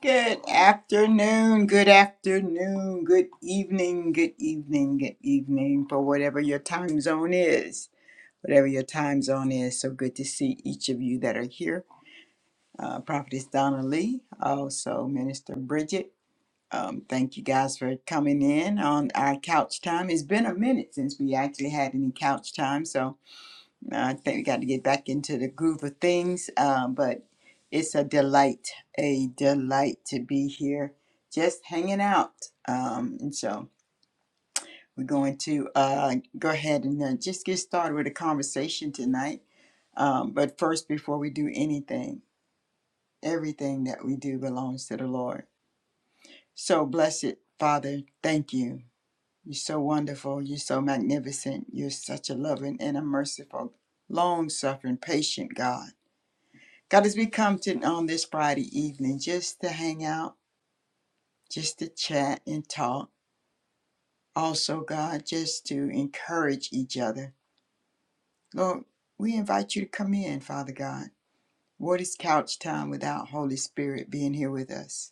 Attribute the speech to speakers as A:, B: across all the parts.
A: Good afternoon, good afternoon, good evening, good evening, good evening for whatever your time zone is. Whatever your time zone is, so good to see each of you that are here. Uh, Prophetess Donna Lee, also Minister Bridget. Um, thank you guys for coming in on our couch time. It's been a minute since we actually had any couch time, so I think we got to get back into the groove of things, um, but it's a delight, a delight to be here, just hanging out. Um, and so we're going to uh, go ahead and uh, just get started with a conversation tonight. Um, but first, before we do anything, everything that we do belongs to the Lord. So, blessed Father, thank you. You're so wonderful. You're so magnificent. You're such a loving and a merciful, long suffering, patient God. God, as we come to on this Friday evening, just to hang out, just to chat and talk. Also, God, just to encourage each other. Lord, we invite you to come in, Father God. What is couch time without Holy Spirit being here with us?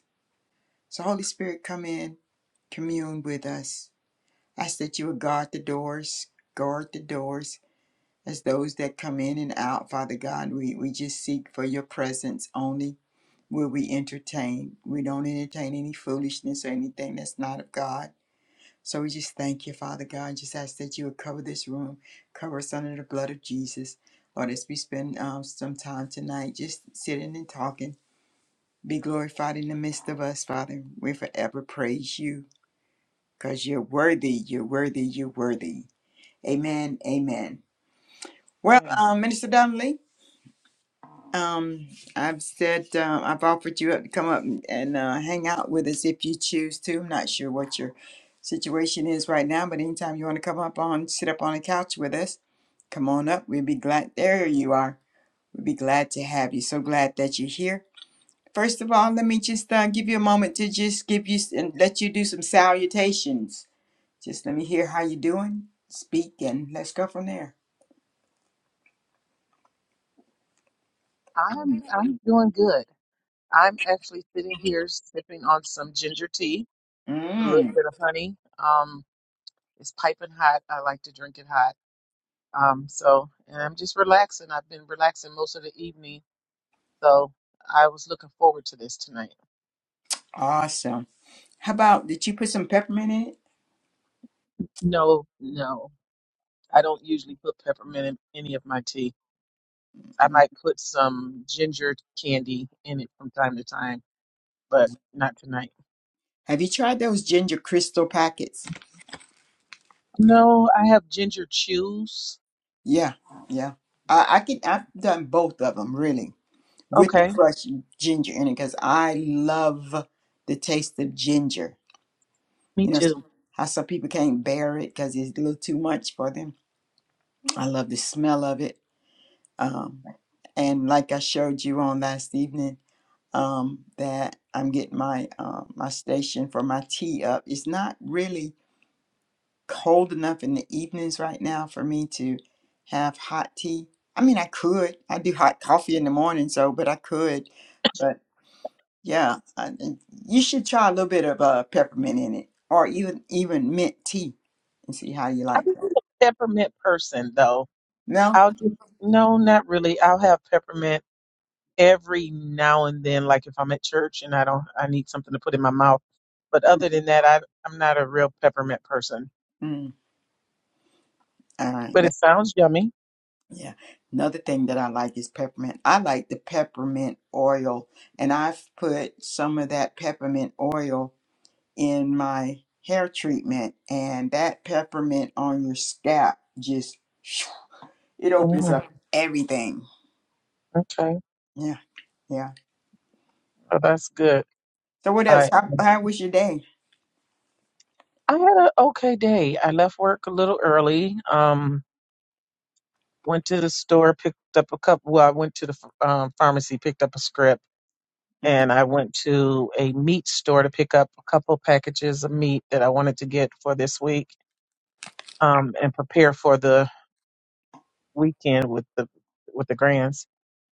A: So, Holy Spirit, come in, commune with us. Ask that you would guard the doors, guard the doors as those that come in and out, Father God. We, we just seek for your presence only Will we entertain. We don't entertain any foolishness or anything that's not of God. So we just thank you, Father God. Just ask that you would cover this room, cover us under the blood of Jesus. Lord, as we spend um, some time tonight just sitting and talking, be glorified in the midst of us, Father. We forever praise you because you're worthy, you're worthy, you're worthy. Amen, amen. Well,
B: Mm.
A: um, Minister Donnelly. Um, I've said uh, I've offered you up to come up and, and uh, hang out with us if you choose to. I'm not sure what your situation is right now, but anytime you want to come up on, sit up on the couch with us, come on up. We'd be glad. There you are. We'd be glad to have you. So glad that you're here. First of all, let me just uh, give you a moment to just give you s- and let you do some salutations. Just let me hear how you doing. Speak and let's go from there.
B: I'm I'm doing good. I'm actually sitting here sipping on some ginger tea with a little
A: Mm,
B: bit of honey. Um, it's piping hot. I like to drink it hot. Um, so and I'm just relaxing. I've been relaxing most of the evening, so I was looking forward to this tonight.
A: awesome. How about did you put some peppermint in
B: No, no, I don't usually put peppermint in any of my tea. I
A: it?
B: might put some ginger candy in it from time to time, but not tonight.
A: Have you tried those ginger crystal packets?
B: No, I have ginger chews.
A: Yeah, yeah. I, I can. I've done both of them really with the
B: Okay,
A: crushed ginger in it because I love the taste of ginger.
B: me
A: You know
B: too.
A: how some people can't bear it because it's a little too much for them. I love the smell of it. Um, and like I showed you on last evening, um, that I'm getting my um my station for my tea up. It's not really cold enough in the evenings right now for me to have hot tea. I mean, I could. I do hot coffee in the morning, so but I could. But yeah, I, you should try a little bit of uh, peppermint in it, or even even mint tea, and see how you
B: I'm
A: like that.
B: a peppermint person though.
A: No,
B: I'll just no, not really. I'll have peppermint every now and then, like if I'm at church and I don't I need something to put in my mouth. But
A: mm,
B: other than that, I I'm not a real peppermint person.
A: mm, all right.
B: But it
A: That,
B: sounds yummy.
A: yeah, another thing that I like is peppermint. I like the peppermint oil, and I've put some of that peppermint oil in my hair treatment and that peppermint on your scalp just it opens
B: Mm,
A: up everything
B: okay,
A: yeah yeah
B: well that's good.
A: so what else
B: I
A: how, how was your day
B: I had an okay day. I left work a little early. Um, Went to the store, picked up a couple. Well, I went to the ph- um, pharmacy, picked up a script,
A: Mhm.
B: and I went to a meat store to pick up a couple packages of meat that I wanted to get for this week um, and prepare for the weekend with the with the grands.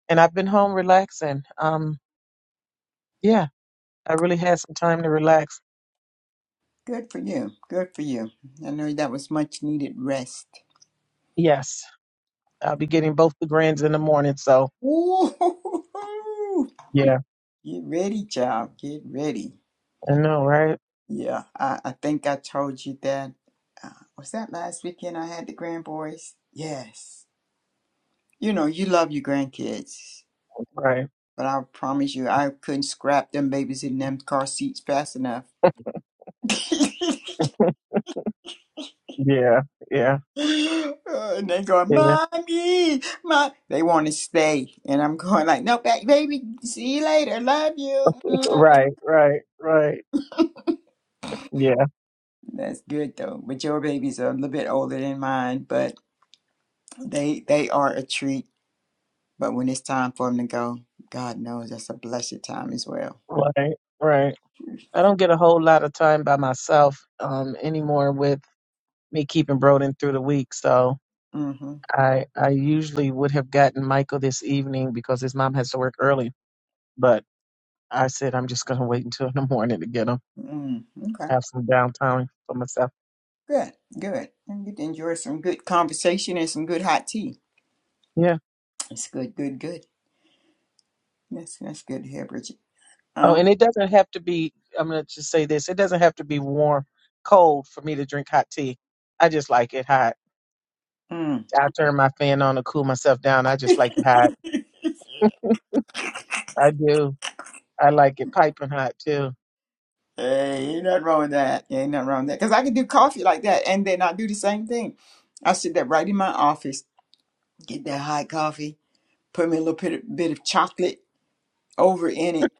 B: And I've been home relaxing. Um, yeah, I really had some time to relax.
A: good for you good for you i know that was much needed rest
B: Yes, I'll be getting both the grands in the morning. So
A: Ooh,
B: yeah,
A: get ready child get ready
B: I know, right?
A: yeah i, I think i told you that uh, was that last weekend i had the grandboys yes you know you love your grandkids
B: Right.
A: But I promise you, I couldn't scrap them babies in them car seats fast enough.
B: Yeah. Yeah.
A: Uh, and they going,
B: Yeah.
A: mommy, mom. They want to stay, and I'm going like, no, ba- baby, see you later, love you.
B: Right, right, right. Yeah,
A: That's good though. But your babies are a little bit older than mine, but they they are a treat. But when it's time for them to go, God knows that's a blessed time as well.
B: right, right. I don't get a whole lot of time by myself um, anymore with me keeping Broden through the week. So
A: Mm-hmm.
B: I I usually would have gotten Michael this evening because his mom has to work early. But I said I'm just gonna wait until in the morning to get him.
A: Mm, okay.
B: Have some downtime for myself.
A: Good. Good. And you enjoy some good conversation and some good hot tea.
B: Yeah.
A: That's good, good, good. That's that's good to hear, Bridget.
B: Oh,
A: Uh,
B: and it doesn't have to be. I'm gonna just say this. It doesn't have to be warm, cold for me to drink hot tea. I just like it hot.
A: mm.
B: I turn my fan on to cool myself down. I
A: hey,
B: just like it hot. I do. I like it piping hot too.
A: ain't nothing wrong with that. Ain't nothing wrong with that. Because I can do coffee like that and then I do the same thing. I sit there right in my office, get that hot coffee, put me a little bit of, bit of chocolate over in it,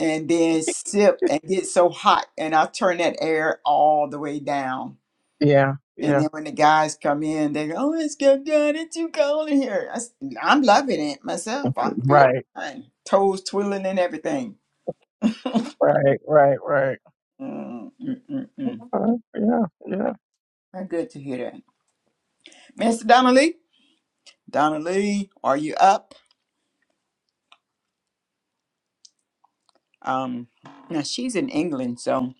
A: and then sip and get so hot. And I turn that air all the way down
B: Yeah.
A: And
B: Yeah.
A: then when the guys come in, they go, "Oh, it's good, good. It's too cold in here." I, am loving it myself. I feel
B: Right,
A: fine, toes twirling and everything.
B: right, right, right.
A: Mm, mm, mm, mm.
B: Uh, yeah, yeah,
A: Uh, Good to hear that, Mr. Donnelly. Donnelly, are you up? Um, now she's in England, so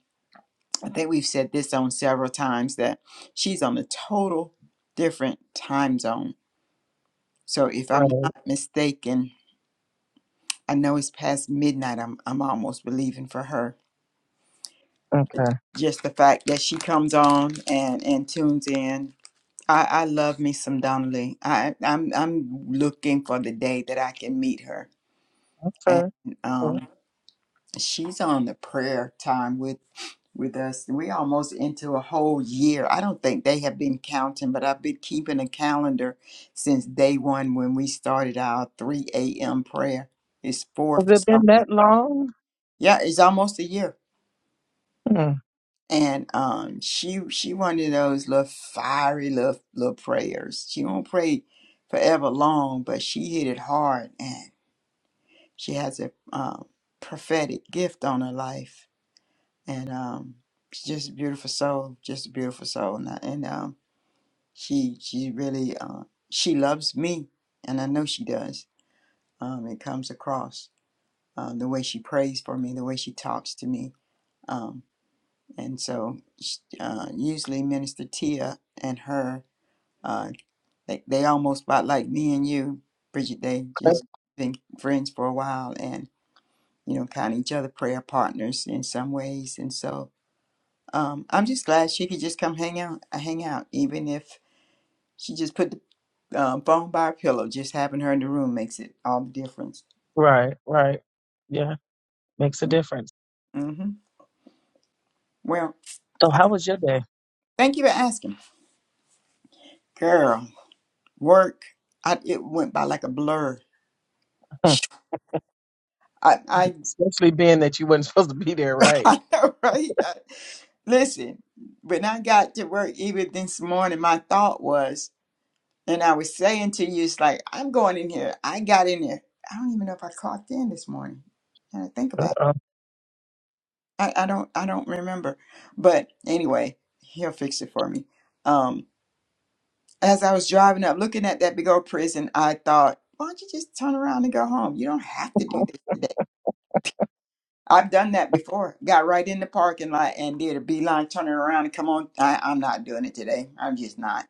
A: I think we've said this on several times that she's on a total different time zone. So if I'm
B: right.
A: not mistaken, I know it's past midnight. I'm I'm almost believing for her.
B: Okay,
A: Just the fact that she comes on and and tunes in. I, I love me some Donnelly. I I'm I'm looking for the day that I can meet her. And
B: okay. okay.
A: um, she's on the prayer time with with us. We almost into a whole year. I don't think they have been counting, but I've been keeping a calendar since day one when we started our 3 a.m. prayer. It's four
B: Has
A: for
B: it been
A: something.
B: that long?
A: Yeah, it's almost a year.
B: Hmm.
A: and um, she she one of those little fiery little little prayers. She won't pray forever long, but she hit it hard, and she has a um, prophetic gift on her life, and um, she's just a beautiful soul, just a beautiful soul, and, I- and um, she she really uh, she loves me, and I know she does. Um, it comes across um, the way she prays for me, the way she talks to me. Um, And so, uh, usually Minister Tia and her, uh, they, they almost about like me and you, Bridget. They
B: okay.
A: just been friends for a while, and you know, kind of each other prayer partners in some ways. And so, um, I'm just glad she could just come hang out, uh, hang out, even if she just put the um, phone by her pillow. Just having her in the room makes it all the difference.
B: Right, right. Yeah, makes a
A: hmm
B: difference.
A: Well,
B: So, how was your day?
A: thank you for asking, girl. Work, I, it went by like a blur.
B: Hmm.
A: I, I,
B: Especially being that you weren't supposed to be there, right?
A: I know, right? I- Listen, when I got to work even this morning, my thought was, and I was saying to you, it's like, I'm going in here. I got in there. I don't even know if I clocked in this morning. And I think about it.
B: Uh,
A: I, I don't I don't remember. But anyway, he'll fix it for me. Um, as I was driving up looking at that big old prison, I thought, why don't you just turn around and go home? You don't have to do this today. I've done that before. Got right in the parking lot and did a beeline, turning around and come on. I, I'm not doing it today. I'm just not.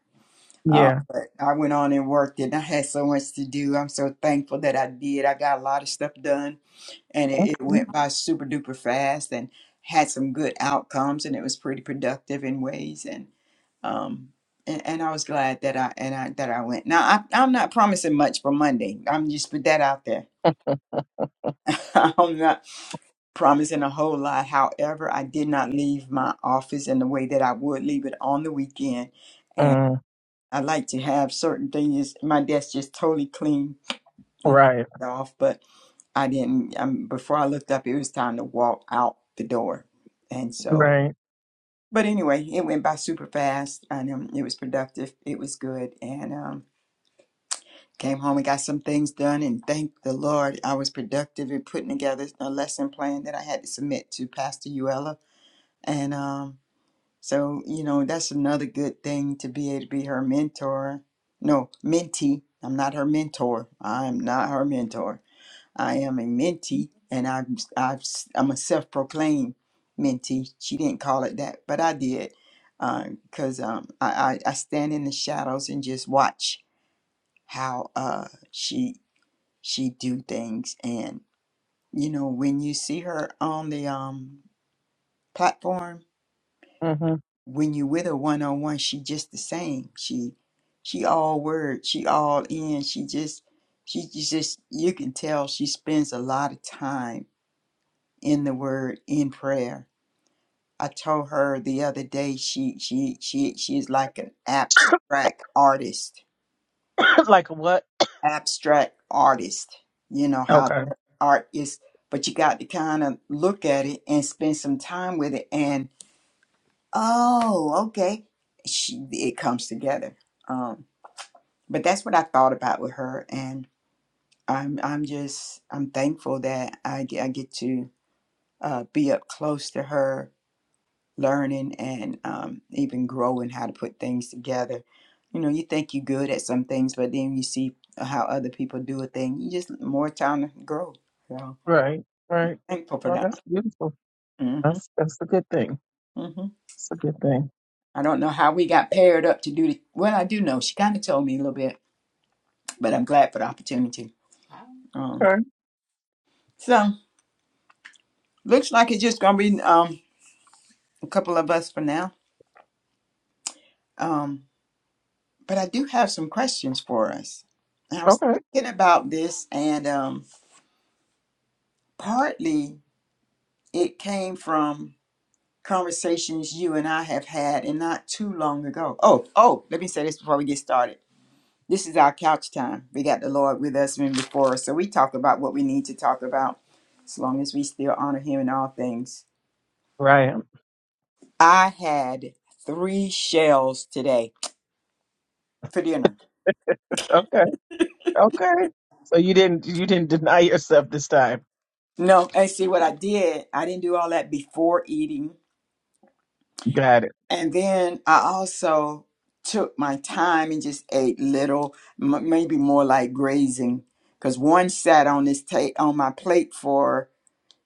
A: Uh,
B: yeah.
A: but I went on and worked and I had so much to do. I'm so thankful that I did. I got a lot of stuff done and it, it
B: Okay.
A: went by super duper fast and had some good outcomes and it was pretty productive in ways and um and, and I was glad that I and I that I went. Now I, I'm not promising much for Monday. I'm just put that out there I'm not promising a whole lot. However, I did not leave my office in the way that I would leave it on the weekend. And
B: Mm,
A: I like to have certain things. My desk just totally clean and
B: right,
A: off, but I didn't. Um, before I looked up, it was time to walk out the door. And so,
B: right.
A: but anyway, it went by super fast and um, it was productive. It was good. And, um, Came home and got some things done, and thank the Lord I was productive in putting together a lesson plan that I had to submit to Pastor Uella. And um, so, you know, that's another good thing to be able to be her mentor. No, mentee. I'm not her mentor. I'm not her mentor. I am a mentee, and I'm, I've, I'm a self proclaimed mentee. She didn't call it that, but I did because um, I, I, I stand in the shadows and just watch how uh, she she do things and you know when you see her on the um platform
B: hmm
A: when you with her one on one she just the same she she all word she all in she just she she just you can tell she spends a lot of time in the word in prayer i told her the other day she she she she is like an abstract artist
B: like a what?
A: abstract artist. You know how
B: Okay.
A: their art is, but you got to kind of look at it and spend some time with it. And oh, okay, she, it comes together. Um, but that's what I thought about with her, and I'm I'm just I'm thankful that I get, I get to uh, be up close to her learning and um, even growing how to put things together. You know, you think you're good at some things, but then you see how other people do a thing. You just more time to grow. So
B: Right, right.
A: thankful for
B: Well, that's
A: that.
B: beautiful.
A: hmm
B: That's that's a good thing.
A: hmm
B: It's a good thing.
A: I don't know how we got paired up to do the. Well, I do know she kind of told me a little bit, but I'm glad for the opportunity. Um,
B: Okay.
A: so looks like it's just gonna be um a couple of us for now. Um, but I do have some questions for us. And I was
B: Okay.
A: thinking about this, and um, partly it came from conversations you and I have had and not too long ago. Oh, oh, let me say this before we get started. This is our couch time. We got the Lord with us and before us. So we talk about what we need to talk about as long as we still honor him in all things.
B: Right.
A: I had three shells today for dinner.
B: Okay. Okay. So you didn't you didn't deny yourself this time.
A: No, and see what I did, I didn't do all that before eating.
B: Got it.
A: And then I also took my time and just ate little, m- maybe more like grazing, because one sat on this ta- on my plate for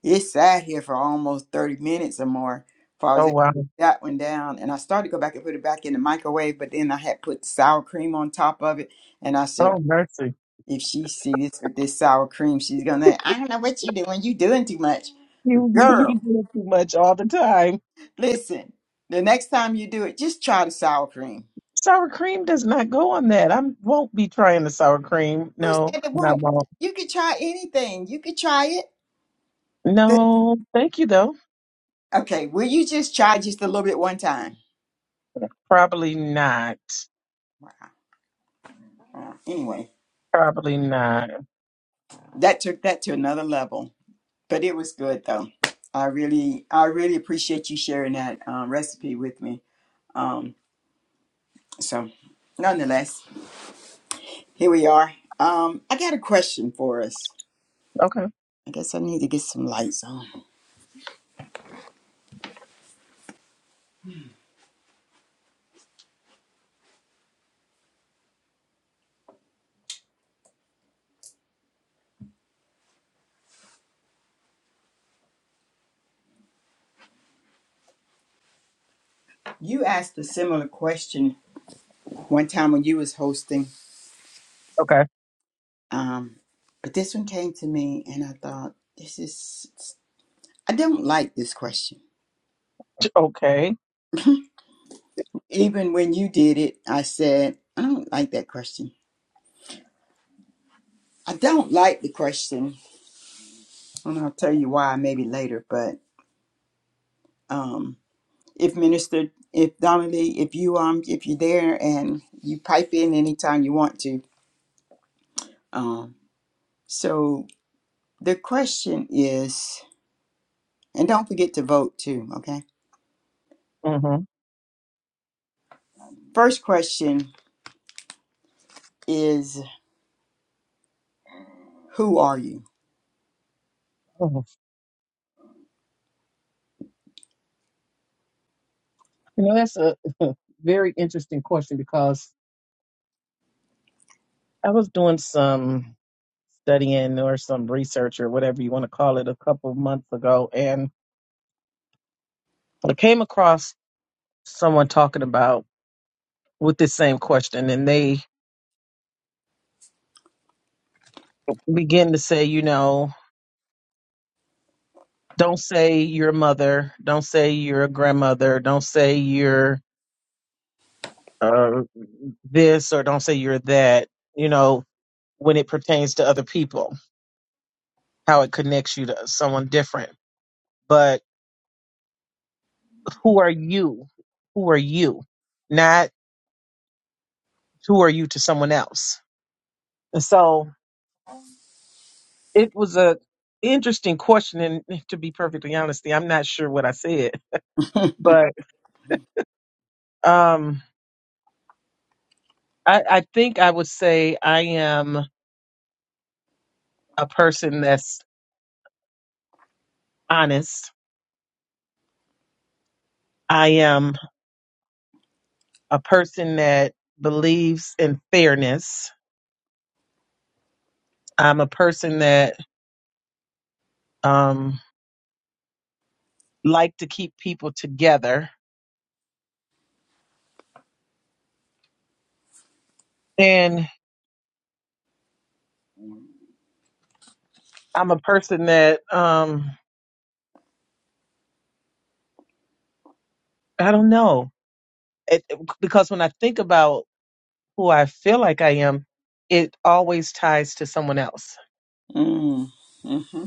A: it sat here for almost thirty minutes or more. Before I was
B: Oh
A: able to
B: wow.
A: put that one down, and I started to go back and put it back in the microwave, but then I had put sour cream on top of it, and I said,
B: Oh mercy.
A: if she sees this with this sour cream, she's gonna. I don't know what you doing. You doing too much, but
B: You do
A: girl,
B: too much all the time.
A: listen. The next time you do it, just try the sour cream
B: Sour cream does not go on that. I won't be trying the sour cream.
A: Who
B: No,
A: said it
B: and I
A: won't?
B: won't.
A: You could try anything. You could try it. The-
B: No, thank you though.
A: okay, will you just try just a little bit one time?
B: Probably not.
A: Uh, anyway,
B: Probably not.
A: that took that to another level, but it was good though. I really, I really appreciate you sharing that um, recipe with me. Um, so, nonetheless, here we are. Um, I got a question for us.
B: Okay.
A: I guess I need to get some lights on. You asked a similar question one time when you was hosting
B: Okay.
A: Um, but this one came to me, and I thought, this is, I don't like this question.
B: Okay.
A: Even when you did it, I said, I don't like that question. I don't like the question, and I'll tell you why maybe later. But um, if Minister, if Donnelly, if you um, if you're there and you pipe in anytime you want to. Um, so the question is, and don't forget to vote too. Okay.
B: Mhm.
A: First question is, who are you?
B: Mhm. You know, that's a very interesting question because I was doing some. studying or some research or whatever you want to call it a couple months ago and I came across someone talking about with this same question and they begin to say, you know, don't say you're a mother, don't say you're a grandmother, don't say you're uh, this or don't say you're that, you know, when it pertains to other people, how it connects you to someone different. But who are you? Who are you? Not who are you to someone else? And so It was a interesting question, and to be perfectly honest, I'm not sure what I said, but um, I, I think I would say I am a person that's honest. I am a person that believes in fairness. I'm a person that um, like to keep people together, and I'm a person that um, I don't know. It, because when I think about who I feel like I am, it always ties to someone else.
A: Mm, hmm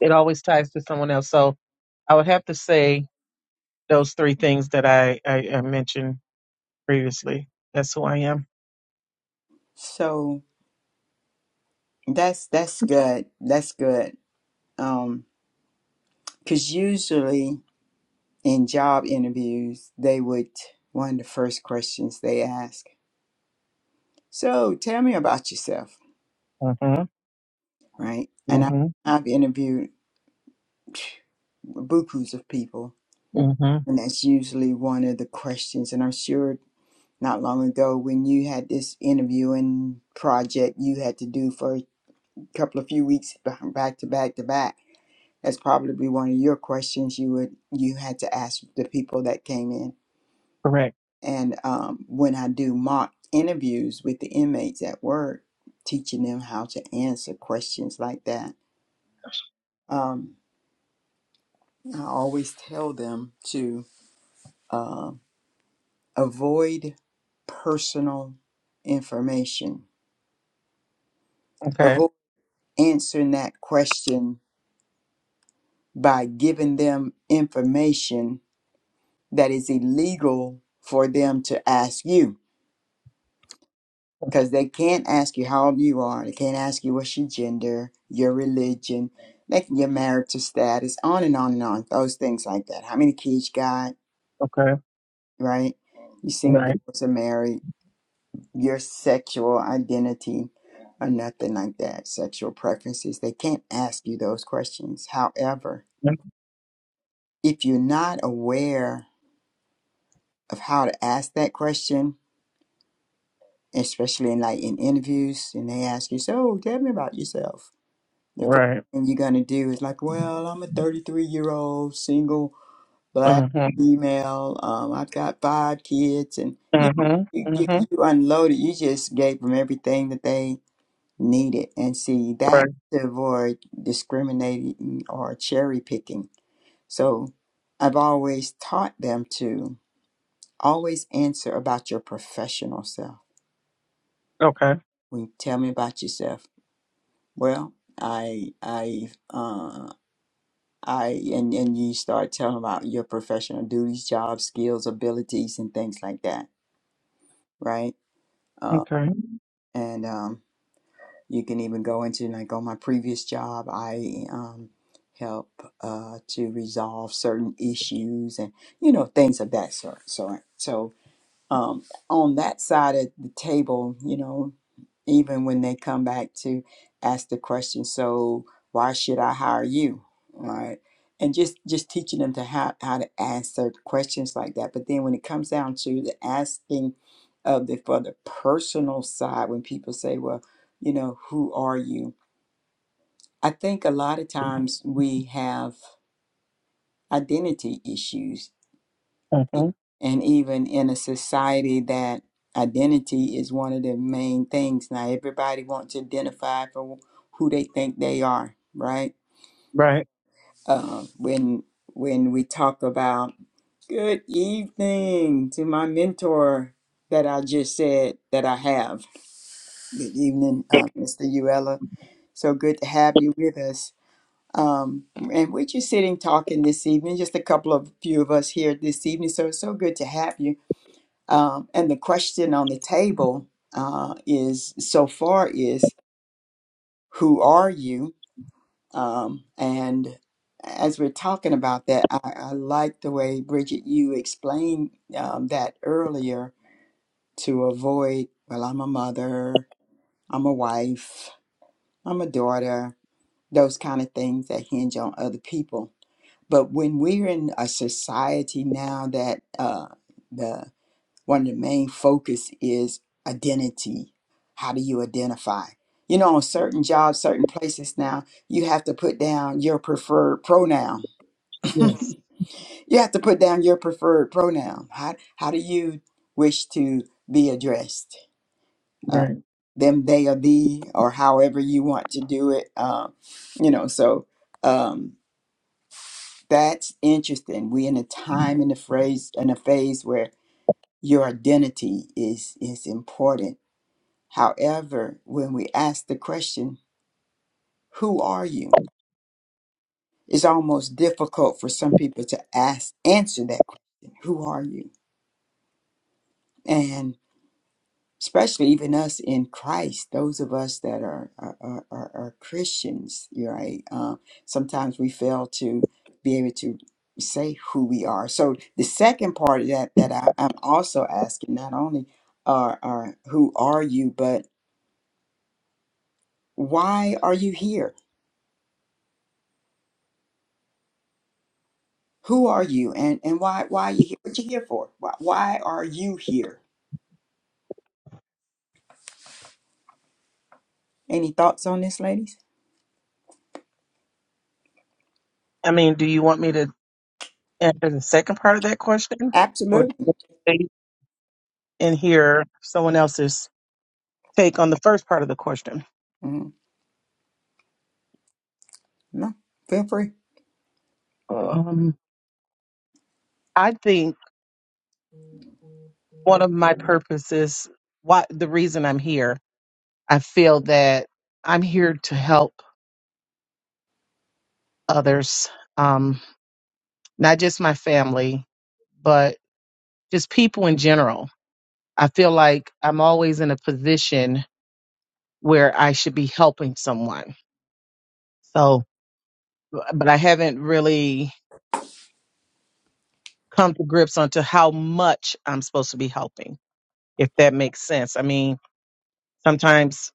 B: It always ties to someone else. So I would have to say those three things that I, I, I mentioned previously. That's who I am.
A: So that's that's good. That's good. Um, because usually in job interviews, they would one of the first questions they ask. So tell me about yourself,
B: Mhm.
A: right? And I,
B: Mhm.
A: I've interviewed bukus of people,
B: Mhm.
A: and that's usually one of the questions. And I'm sure not long ago when you had this interviewing project you had to do for a couple of few weeks back to back to back That's probably one of your questions you would you had to ask the people that came in.
B: Correct.
A: And um, when I do mock interviews with the inmates at work, teaching them how to answer questions like that, um, I always tell them to uh, avoid personal information.
B: Okay.
A: Avoid answering that question by giving them information that is illegal for them to ask you because they can't ask you how old you are. They can't ask you what's your gender, your religion, like your marital status, on and on and on. Those things like that. How many kids you got,
B: Okay.
A: right? You single,
B: Right.
A: divorced, or married. Your sexual identity, or nothing like that. Sexual preferences. They can't ask you those questions. However,
B: Mm,
A: if you're not aware of how to ask that question, especially in like in interviews, and they ask you, "So, tell me about yourself." the first
B: Right.
A: thing you're going to do is like, well, I'm a 33 year old single black
B: Mhm.
A: female. Um, I've got five kids, and you,
B: Mhm.
A: you you
B: Mhm.
A: you unloaded. You just gave them everything that they needed, and see that
B: Right.
A: to avoid discriminating or cherry picking. So, I've always taught them to always answer about your professional self.
B: Okay.
A: When you tell me about yourself, well, I I uh. I and and you start telling about your professional duties, job skills, abilities, and things like that, right? Uh,
B: Okay.
A: and um, you can even go into like on my previous job, I um, help uh, to resolve certain issues and you know things of that sort. So, um, on that side of the table, you know, even when they come back to ask the question, so why should I hire you? Right. And just, just teaching them to how, how to answer questions like that. But then when it comes down to the asking of the for the personal side, when people say, Well, you know, who are you? I think a lot of times we have identity issues
B: Mhm.
A: and even in a society that identity is one of the main things. Now, everybody wants to identify for who they think they are, right?
B: Right.
A: Uh, when when we talk about good evening to my mentor that I just said that I have. Good evening, uh, Mr. Uella. So good to have you with us. Um, and we're just sitting talking this evening, just a couple of few of us here this evening. So it's so good to have you. Um, and the question on the table uh, is so far is who are you? Um, and as we're talking about that, I, I like the way Bridget you explained um, that earlier to avoid. Well, I'm a mother. I'm a wife. I'm a daughter. Those kind of things that hinge on other people. But when we're in a society now that uh, the one of the main focus is identity. How do you identify? You know, on certain jobs, certain places now, you have to put down your preferred pronoun.
B: Yes,
A: you have to put down your preferred pronoun. How, how do you wish to be addressed? Uh,
B: right.
A: them, they, or thee, or however you want to do it. Um, you know, so um, that's interesting. We're in a time in the phrase in a phase where your identity is is important However, when we ask the question, who are you? It's almost difficult for some people to ask answer that question, who are you? And especially even us in Christ, those of us that are are, are, are are Christians, you're right? Uh, sometimes we fail to be able to say who we are. So the second part of that that I, I'm also asking, not only are, are who are you, but why are you here? Who are you and, and why why are you here? What you here for? Why, why are you here? Any thoughts on this, ladies?
B: I mean, do you want me to answer the second part of that question, or do you
A: Absolutely.
B: want to wait and hear someone else's take on the first part of the question?
A: hmm No, feel free.
B: Um, I think one of my purposes, why the reason I'm here, I feel that I'm here to help others, um, not just my family, but just people in general. I feel like I'm always in a position where I should be helping someone. so. but I haven't really come to grips onto how much I'm supposed to be helping, if that makes sense. I mean, sometimes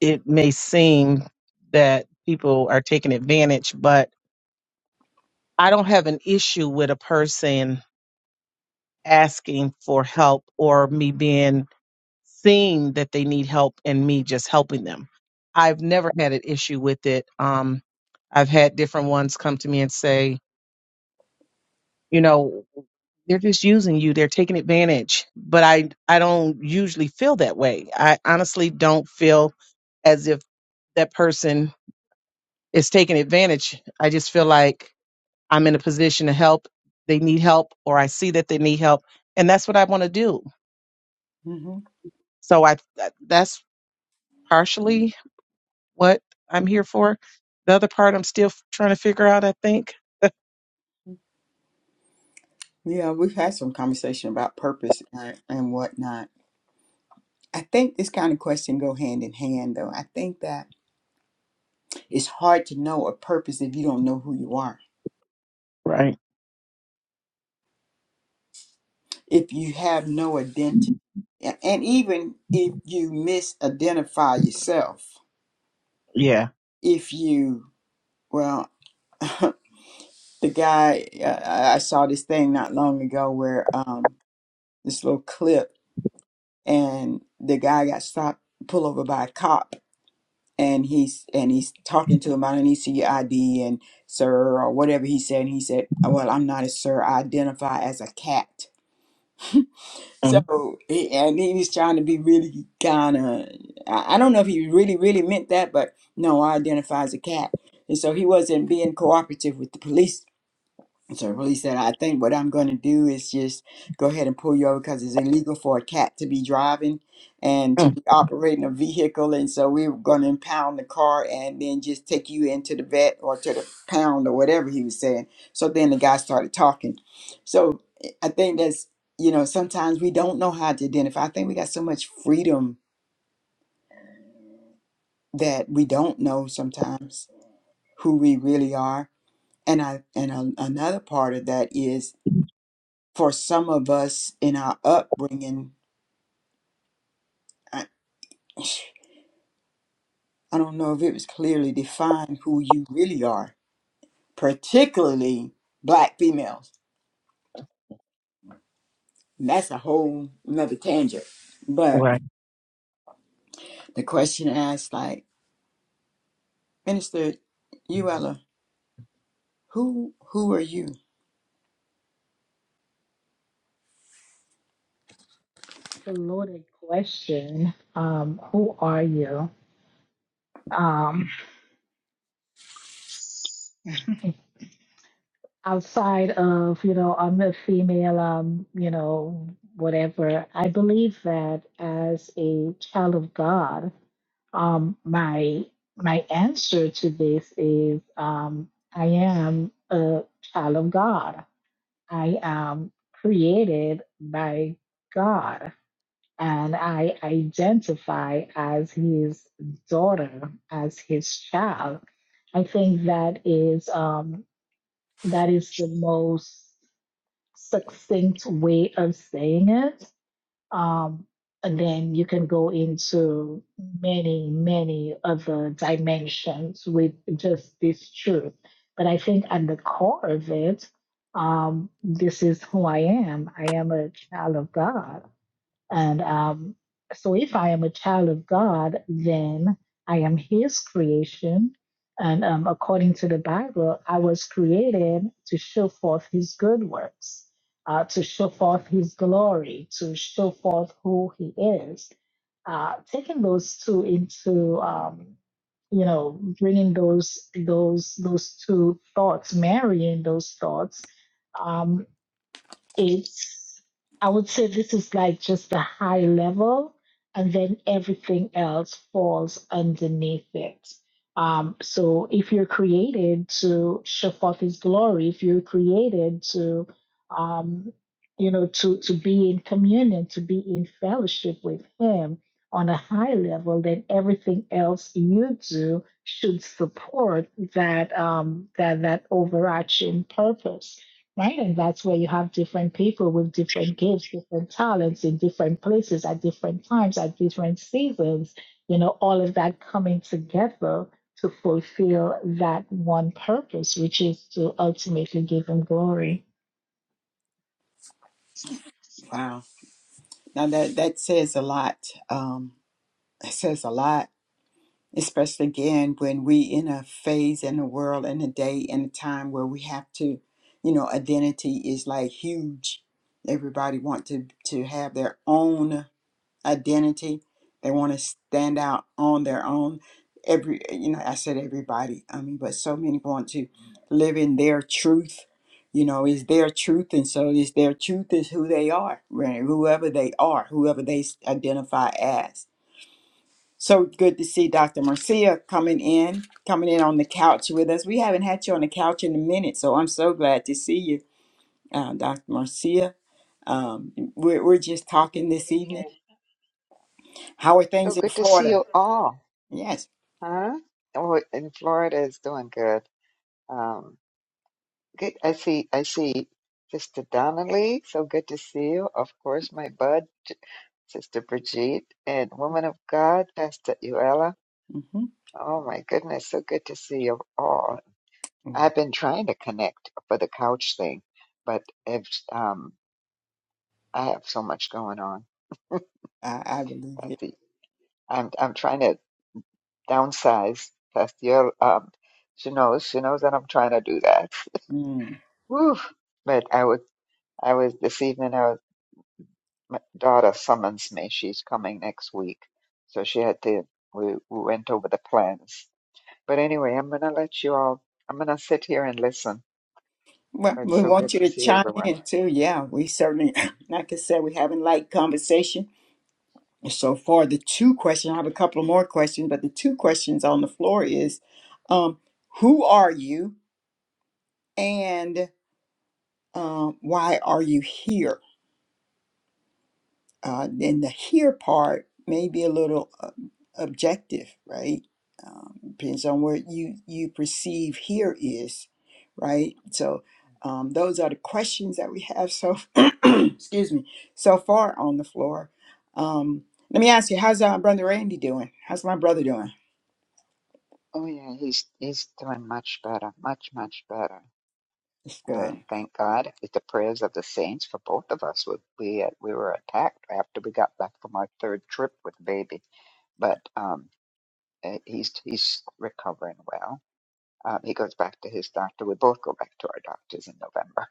B: it may seem that people are taking advantage, but I don't have an issue with a person asking for help or me being seeing that they need help and me just helping them. I've never had an issue with it. Um, I've had different ones come to me and say, you know they're just using you they're taking advantage but i i don't usually feel that way i honestly don't feel as if that person is taking advantage i just feel like i'm in a position to help they need help or i see that they need help and that's what i want to do
A: hmm
B: so i that- that's partially what i'm here for the other part i'm still f- trying to figure out i think
A: Yeah, we've had some conversation about purpose and, and whatnot. I think this kind of question go hand in hand, though. I think that It's hard to know a purpose if you don't know who you are,
B: Right.
A: if you have no identity. A- And even if you misidentify yourself,
B: Yeah.
A: if you, well, the guy, uh, I I saw this thing not long ago where um, this little clip, and the guy got stopped, pulled over by a cop. And he's and he's talking to him. I don't need to see your ID and sir or whatever he said. And he said, "Well, I'm not a sir. I identify as a cat." So he, and he was trying to be really kind of. I, I don't know if he really really meant that, but no, I identify as a cat, and so he wasn't being cooperative with the police and so police said, I think what I'm going to do is just go ahead and pull you over because it's illegal for a cat to be driving and to
B: Mhm.
A: be operating a vehicle. And so we were going to impound the car and then just take you into the vet or to the pound or whatever he was saying. So then the guy started talking. So I think that's, you know, sometimes we don't know how to identify. I think we got so much freedom that we don't know sometimes who we really are. And I and a, another part of that is for some of us in our upbringing, I, I don't know if it was clearly defined who you really are, particularly black females. And that's a whole another tangent. But
B: Right.
A: the question asked, like, Minister Uella, who who are you?
C: to loaded question. Um, who are you? Um, outside of, you know, I'm a female, um, you know, whatever. I believe that as a child of God, um, my my answer to this is um, I am a child of God. I am created by God. and I identify as his daughter, as his child. I think that is um, that is the most succinct way of saying it. Um, and then you can go into many, many other dimensions with just this truth. But I think at the core of it, um, this is who I am. I am a child of God and um, so, if I am a child of God, then I am His creation. And um, according to the Bible, I was created to show forth His good works, uh, to show forth His glory, to show forth who He is. Uh, taking those two into, um, you know, bringing those those those two thoughts, marrying those thoughts. um, it's, I would say this is like just the high level, and then everything else falls underneath it. Um, so if you're created to show forth his glory, if you're created to, um, you know, to, to be in communion, to be in fellowship with him on a high level, then everything else you do should support that um, that that overarching purpose right? And that's where you have different people with different gifts, different talents in different places at different times, at different seasons, you know, all of that coming together to fulfill that one purpose, which is to ultimately give Him glory.
A: Wow. Now that that says a lot. Um, it says a lot especially again when we in a phase in a world in a day and a time where we have to you know identity is like huge everybody want to to have their own identity they want to stand out on their own every you know i said everybody i mean but so many want to live in their truth you know is their truth and so is their truth is who they are right? whoever they are whoever they s- identify as so good to see Dr. Marcia coming in, coming in on the couch with us. We haven't had you on the couch in a minute, so I'm so glad to see you, uh, Dr. Marcia. Um, we're, we're just
D: Amen.
A: talking this evening.
D: amen.
A: How are
D: So
A: things in
D: good to see
A: Florida?
D: you all,
A: Yes.
D: huh? Oh, and Florida is doing good. Um, good. I see. I see Sister Donnelly. So good to see you. Of course, my bud, J- Sister Brigitte, and Woman of God, Pastor Uella.
A: hmm
D: Oh my goodness, so good to see you all. I've been trying to connect for the couch thing, but if, um, I have so much going on.
A: I, I believe it.
D: Pastor. I'm I'm trying to. downsize past year. Um, she knows, she knows that I'm trying to do that.
A: Mm.
D: Whew. But I would. I was this evening. I was, my daughter summons me. She's coming next week, so she had to. We, we went over the plans. But anyway, I'm gonna let you all. I'm gonna sit here and listen.
A: Well,
D: But it's
A: we
D: so
A: want
D: good
A: you
D: to
A: to
D: see
A: chime
D: everyone.
A: in too. Yeah, we certainly, like I said, we having light conversation. And So far, the two questions, I have a couple more questions, but the two questions on the floor is um, who are you? and um, why are you here? Uh, then the here part may be a little uh, objective, right? Um, depends on where you you perceive here is, right? So um, those are the questions that we have. So excuse me, so far on the floor. Um, let me ask you, how's uh, brother Randy doing? How's my brother doing?
D: Oh yeah, he's he's doing much better, much much better.
A: It's good.
D: Um, thank God with the prayers of the saints for both of us. We we, we were attacked after we got back from our third trip with baby, but um, eh, he's he's recovering well. Um, he goes back to his doctor. We both go back to our doctors in November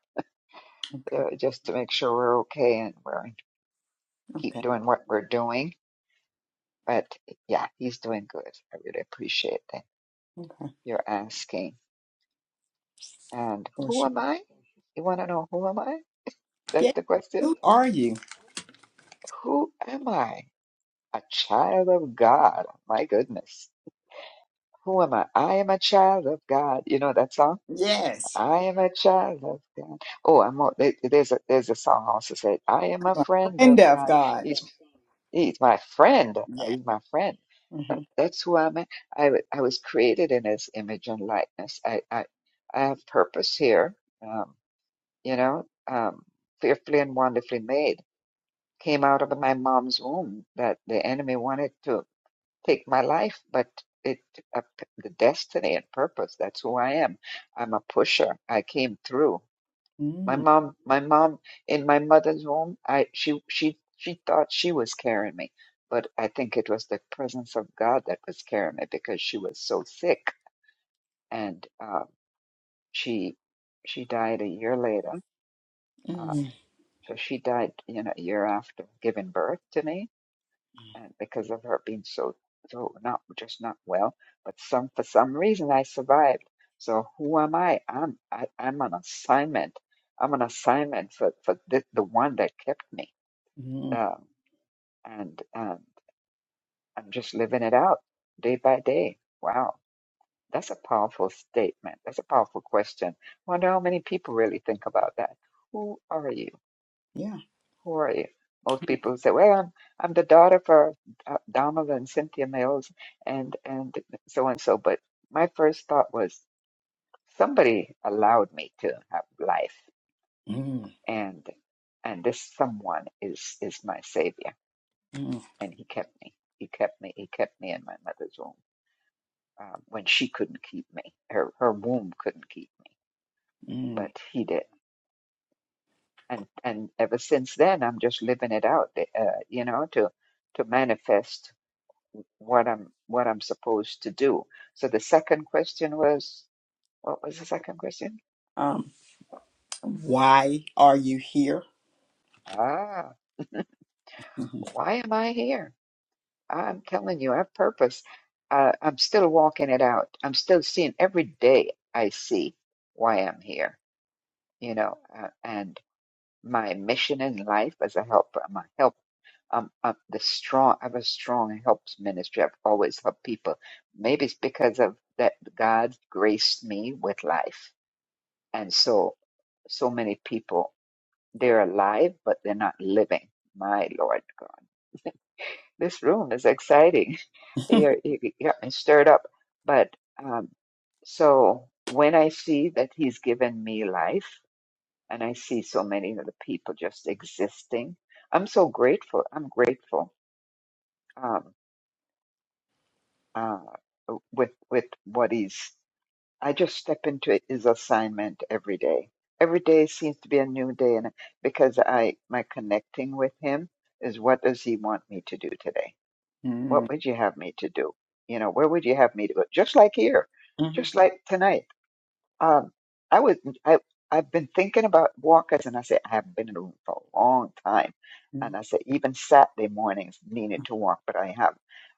A: Okay.
D: uh, just to make sure we're okay and we're keep
A: Okay.
D: doing what we're doing. But yeah, he's doing good. I really appreciate that
A: Okay.
D: you're asking. And
A: For
D: who
A: sure.
D: am I? You want to know who am I? That's
A: Yeah.
D: the question.
A: Who are you?
D: Who am I? A child of God. My goodness. Who am I? I am a child of God. You know that song?
A: Yes.
D: I am a child of God. Oh, I'm all, there- there's a there's a song also said, I am a
A: I'm a
D: friend of
A: friend of
D: God.
A: God.
D: He's he's my friend.
A: Yeah.
D: He's my friend.
A: Mm-hmm.
D: That, that's who I'm. a- I w- I I was created in His image and likeness. I I, I have purpose here. Um, you know, um, fearfully and wonderfully made. Came out of my mom's womb that the enemy wanted to take my life, but it uh, the destiny and purpose. That's who I am. I'm a pusher. I came through. My
A: Mm,
D: mom, my mom in my mother's womb. I she she she thought she was carrying me, but I think it was the presence of God that was carrying me because she was so sick and um, she she died a year later. Um,
A: mm,
D: so she died, you know, a year after giving birth to me and because of her being so so not just not well, but some for some reason I survived. So who am I? I'm I, I'm an assignment. I'm an assignment for for the, the one that kept me.
A: mm,
D: Um, and and I'm just living it out day by day. Wow, that's a powerful statement. That's a powerful question. Wonder how many people really think about that. Who are you?
A: yeah.
D: Who are you? Most people say, "Well, I'm I'm the daughter for uh, Donald and Cynthia Mills and and so and so." But my first thought was, somebody allowed me to have life,
A: Mm,
D: and and this someone is is my savior,
A: mm,
D: and he kept me. He kept me. He kept me in my mother's womb um, when she couldn't keep me. Her her womb couldn't keep me,
A: mm.
D: but he did. And and ever since then, I'm just living it out, uh, you know, to to manifest what I'm what I'm supposed to do. So the second question was, what was the second question?
A: Um, why are you here?
D: Ah,
A: Mhm.
D: why am I here? I'm telling you, I have purpose. Uh, I'm still walking it out. I'm still seeing every day. I see why I'm here. You know, uh, and my mission in life as a helper. I'm a help. um, I'm the strong. I have a strong helps ministry. I've always helped people. Maybe it's because of that God graced me with life And so, so many people, they're alive, but they're not living. My Lord God. This room is exciting. You're, you got me stirred up. But um, so when I see that He's given me life, and I see so many of the people just existing, I'm so grateful. I'm grateful um, uh, with with what He's I just step into it is assignment every day. Every day seems to be a new day, and because I my connecting with Him is what does He want me to do today?
A: Mm,
D: What would you have me to do? You know, where would you have me to go? Just like here,
A: mhm,
D: just like tonight. Um, I was I I've been thinking about walkers, and I said I haven't been in a room for a long time, and
A: mm,
D: I said even Saturday mornings needed to walk, but I have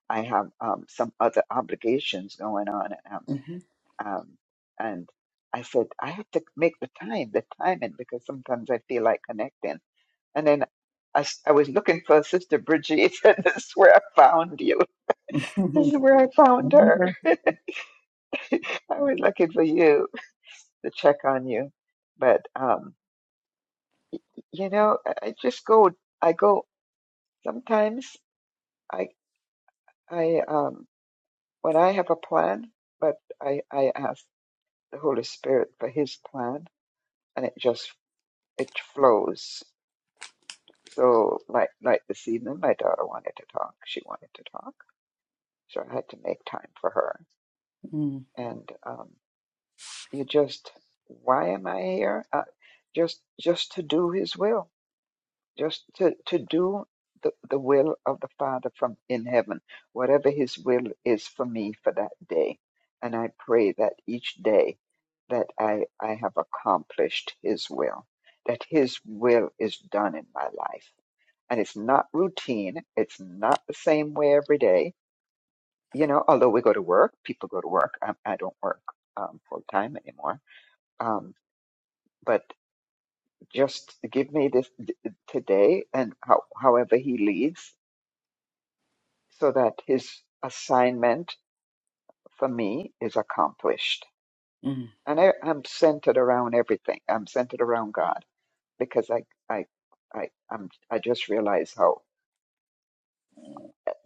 D: I have um, some other obligations going on.
A: mhm,
D: Um, and I said, I have to make the time, the timing, because sometimes I feel like connecting. And then I, s- I was looking for Sister Bridget, and this is where I found you. This
A: mhm,
D: is where I
B: I'm
D: found her.
B: here.
D: I was looking for you to check on you. But, um, you know, I I just go, I go, sometimes I, I, um, when I have a plan, but I, I ask the Holy Spirit for his plan and it just, it flows So like like this evening, my daughter wanted to talk. She wanted to talk, so I had to make time for her.
A: mm,
D: And um, you just, why am I here? Uh, just just to do His will, just to to do the the will of the Father from in heaven, whatever His will is for me for that day. And I pray that each day that I I have accomplished His will, that His will is done in my life and it's not routine. It's not the same way every day. You know, although we go to work, people go to work. I, I don't work um, full time anymore. Um, but just give me this d- today and how, however he leads so that his assignment for me is accomplished.
A: mm,
D: And I, I'm centered around everything. I'm centered around God because I, I, I, I'm, I just realize how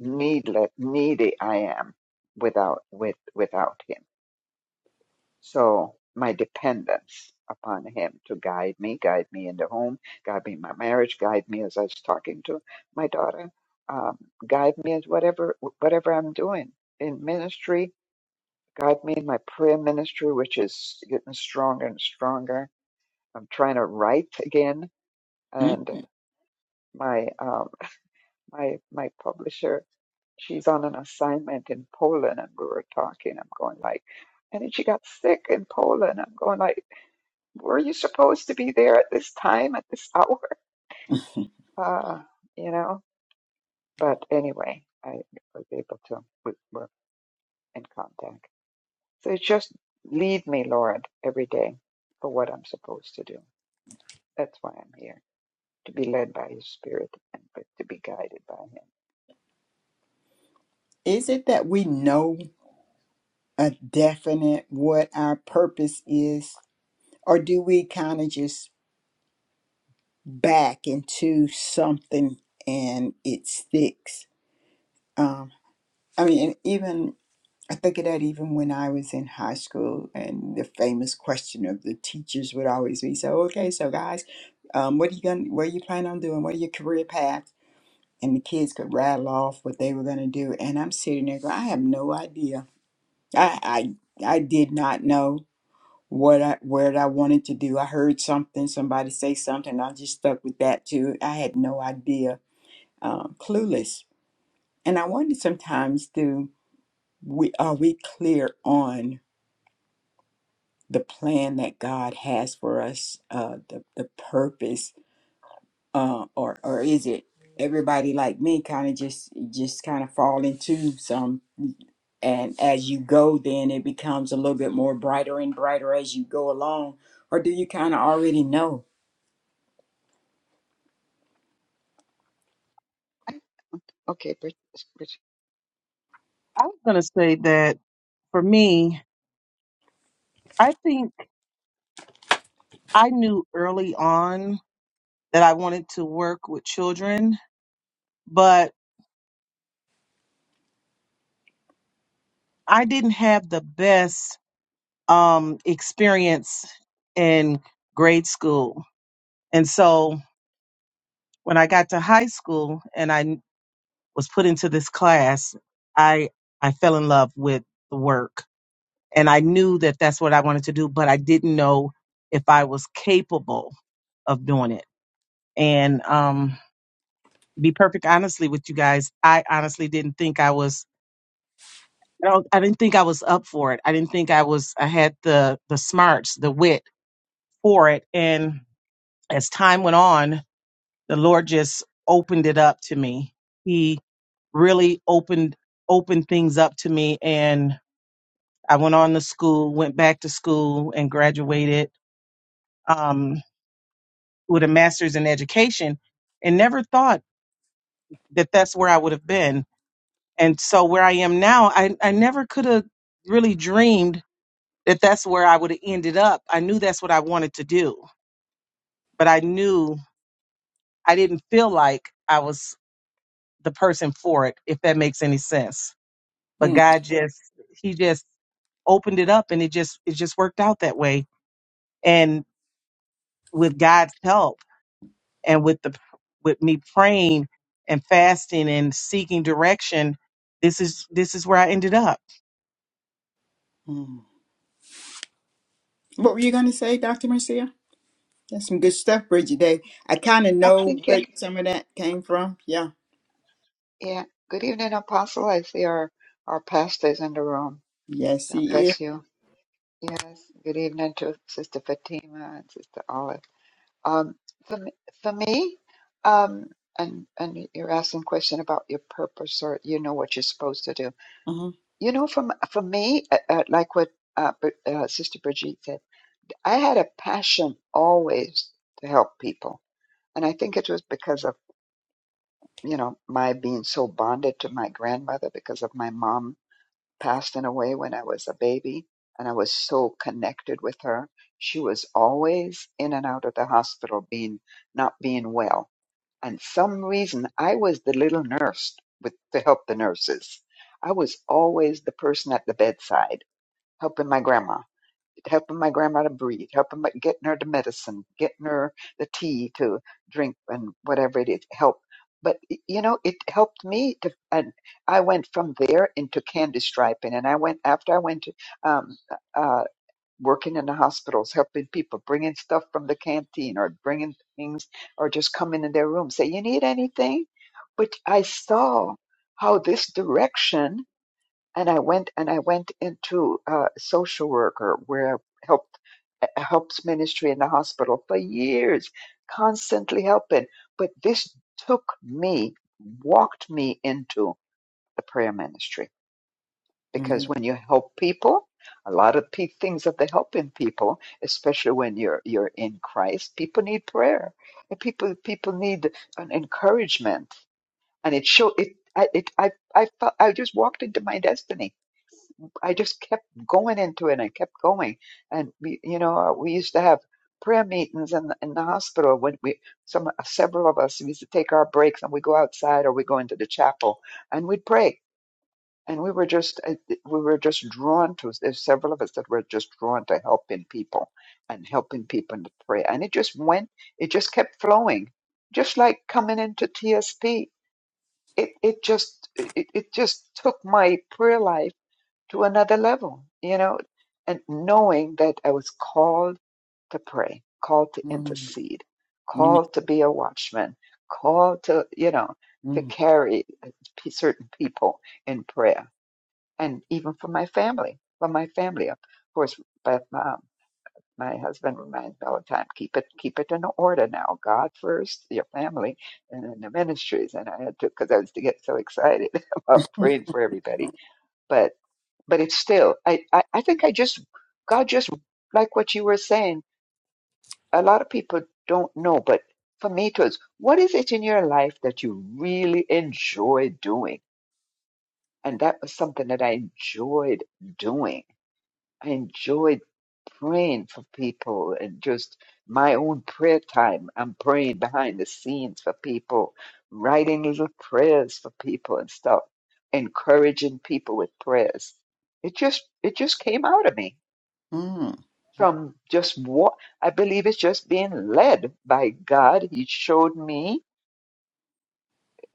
D: needless, needy I am without, with, without him So my dependence upon him to guide me, guide me in the home, guide me in my marriage, guide me as I was talking to my daughter, um, guide me as whatever whatever I'm doing in ministry, guide me in my prayer ministry, which is getting stronger and stronger. I'm trying to write again,
A: mm.
D: and my um, my my publisher, she's on an assignment in Poland, and we were talking. I'm going like, and then she got sick in Poland. I'm going like were you supposed to be there at this time, at this hour? Uh, you know, but anyway, I was able to, we were in contact. So it's just lead me, Lord, every day for what I'm supposed to do. That's why I'm here, to be led by His Spirit and to be guided by
A: Is it that we know a definite what our purpose is, or do we kind of just back into something and it sticks? Um, I mean, and even I think of that even when I was in high school, and the famous question of the teachers would always be, "So, okay, so guys, um, what are you going? to What are you planning on doing? What are your career paths?" And the kids could rattle off what they were going to do, and I'm sitting there going, "I have no idea. I, I, I did not know what I, what I wanted to do. I heard something, somebody say something, I just stuck with that too. I had no idea. Um, clueless. And I wonder sometimes, do we are we clear on?" the plan that God has for us, uh, the the purpose, uh, or or is it everybody like me kind of just just kind of fall into some, and as you go, then it becomes a little bit more brighter and brighter as you go along, or do you kind of already know?
D: Him. Okay, Bridget, Bridget.
B: I was going to say that for me I think I knew early on that I wanted to work with children, but I didn't have the best um, experience in grade school. And so when I got to high school and I was put into this class, I I fell in love with the work and I knew that that's what I wanted to do, but I didn't know if I was capable of doing it. And um be perfect honestly with you guys, I honestly didn't think I was I don't I didn't think I was up for it. I didn't think I was I had the the smarts, the wit for it. And as time went on, the Lord just opened it up to me. He really opened opened things up to me and I went on to school, went back to school and graduated um with a master's in education and never thought that that's where I would have been And so where I am now, I, I never could have really dreamed that that's where I would have ended up. I knew that's what I wanted to do, but I knew I didn't feel like I was the person for it, if that makes any sense. But
A: Hmm.
B: God just, He just opened it up and it just, it just worked out that way. And with God's help and with the, with me praying and fasting and seeking direction, this is, this is where I ended up.
A: Hmm. What were you gonna say, Doctor Marcia? That's some good stuff, Bridget Day. I kind of
D: I'm
A: know where
D: thinking,
A: some of that came from. Yeah.
D: yeah, good evening, Apostle. I see our, our pastor is in the room.
A: Yes,
D: God
A: he is.
D: bless you. Yes, good evening to Sister Fatima and Sister Olive. Um, for me, for me um, and and you're asking a question about your purpose or you know what you're supposed to do.
A: Uh-huh.
D: You know, from for me, uh, uh, like what uh, Br- uh, Sister Brigitte said, I had a passion always to help people, and I think it was because of you know my being so bonded to my grandmother because of my mom passing away when I was a baby, and I was so connected with her. She was always in and out of the hospital, being not being well and some reason I was the little nurse with to help the nurses. I was always the person at the bedside helping my grandma, helping my grandma to breathe, helping my, getting her the medicine, getting her the tea to drink and whatever it is help. But y- you know, it helped me to, and I went from there into candy striping, and I went after I went to um, uh, working in the hospitals, helping people, bringing stuff from the canteen or bringing things or just coming in their room, say, You need anything? But I saw how this direction, and I went and I went into uh, social worker where I helped uh, helps ministry in the hospital for years, constantly helping. But this took me, walked me into the prayer ministry
A: Mm,
D: because when you help people a lot of pe- things that they are helping people especially when you're you're in christ people need prayer and people people need an encouragement and it show it I, it, I, I felt, I just walked into my destiny. I just kept going into it. and I kept going. And we, you know, uh, we used to have prayer meetings in the, in the hospital when we, some, several of us used to take our breaks and we go outside or we go into the chapel and we'd pray and we were just uh, we were just drawn to there's several of us that were just drawn to helping people and helping people in the prayer and it just went it just kept flowing just like coming into tsp it it just it, it just took my prayer life to another level you know and knowing that i was called to pray called to
A: mm,
D: intercede
A: mm, mm,
D: called to be a watchman called to you know to
A: mm,
D: carry uh, p- certain people in prayer and even for my family, for my family, of course. But um, my husband reminds me all the time, keep it, keep it in order now. God first, your family, and then the ministries. And I had to, because I was to get so excited about praying for everybody. But, but it's still, I, I, I think I just, God just like what you were saying. A lot of people don't know, but for me, it was, what is it in your life that you really enjoy doing? And that was something that I enjoyed doing I enjoyed praying for people and just my own prayer time. I'm praying behind the scenes for people, writing little prayers for people and stuff, encouraging people with prayers. It just it just came out of me
A: mhm,
D: from just what I believe it's just being led by God. He showed me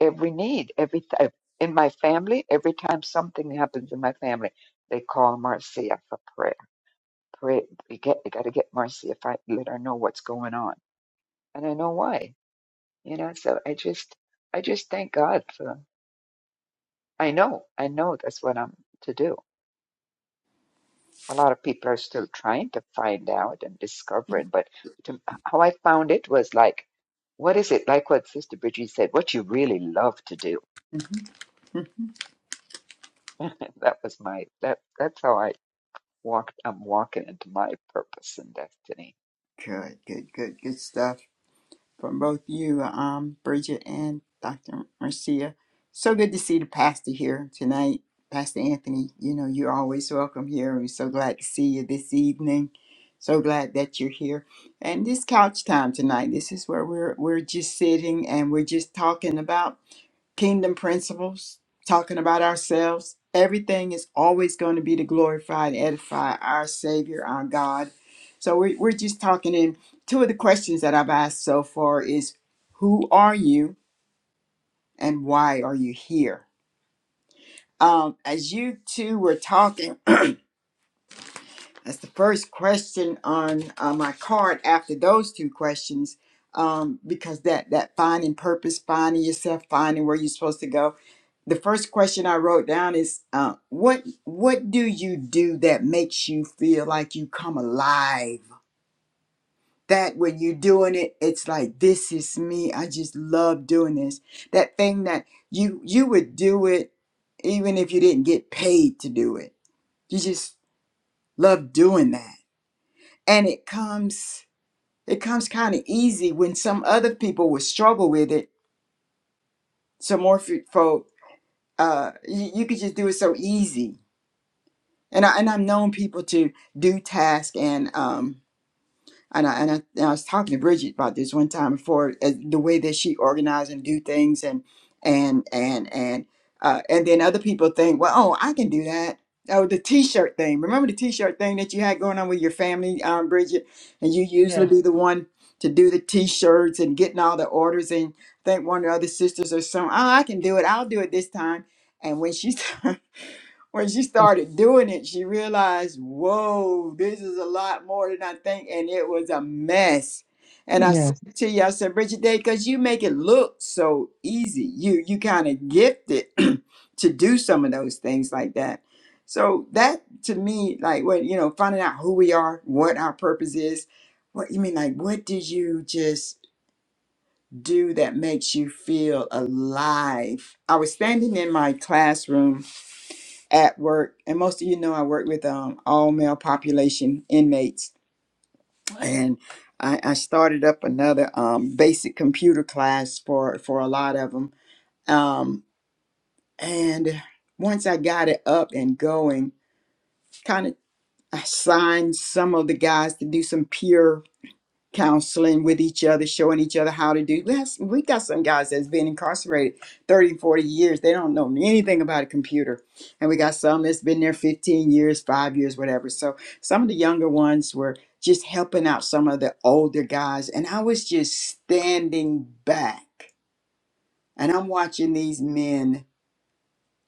D: every need, every time in my family. Every time something happens in my family, they call Marcia for prayer pray get I gotta get Marcy if I let her know what's going on. And I know why. You know, so I just I just thank God for I know, I know that's what I'm to do. A lot of people are still trying to find out and discovering, but to, how I found it was like, what is it like? What Sister Bridget said, what you really love to do.
A: mhm.
D: that was my that that's how I walked. I'm walking into my purpose and destiny.
A: Good, good, good, good stuff. from both you, um, Bridget and Dr. Marcia. So good to see the pastor here tonight. Pastor Anthony, you know, you're always welcome here. We're so glad to see you this evening. So glad that you're here. And this couch time tonight, this is where we're we're just sitting and we're just talking about kingdom principles, talking about ourselves. Everything is always going to be to glorify and edify our Savior, our God. So we're, we're just talking in two of the questions that I've asked so far is who are you and why are you here? Um, as you two were talking, That's the first question on uh, my card after those two questions, um, because that that finding purpose, finding yourself, finding where you're supposed to go. The first question I wrote down is, uh, what what do you do that makes you feel like you come alive? That when you're doing it, it's like this is me. I just love doing this. That thing that you you would do it even if you didn't get paid to do it. You just love doing that and it comes it comes kind of easy when some other people would struggle with it so more f- folk uh you, you could just do it so easy and i and i've known people to do task and um and I, and I and I was talking to Bridget about this one time before uh, the way that she organized and do things and and and and uh, and then other people think, well, oh, I can do that. Oh, the T-shirt thing. Remember the T-shirt thing that you had going on with your family, um, Bridget, and you usually
B: Yes,
A: be the one to do the T-shirts and getting all the orders. And I think one of the other sisters or some, oh, I can do it. I'll do it this time. And when she when she started doing it, she realized, whoa, this is a lot more than I think. And it was a mess. And I said
B: yes,
A: to you, I said, Bridget Day, because you make it look so easy. You you kind of gifted to do some of those things like that. So that to me, like what you know, finding out who we are, what our purpose is, what you mean, like what did you just do that makes you feel alive? I was standing in my classroom at work, and most of you know I work with um, all male population inmates, and I, I started up another um, basic computer class for for a lot of them. Um, and once I got it up and going, kind of I signed some of the guys to do some peer counseling with each other, showing each other how to do. Yes, we got some guys that's been incarcerated 30, 40 years. They don't know anything about a computer. And we got some that's been there 15 years, five years, whatever. So some of the younger ones were just helping out some of the older guys. And I was just standing back and I'm watching these men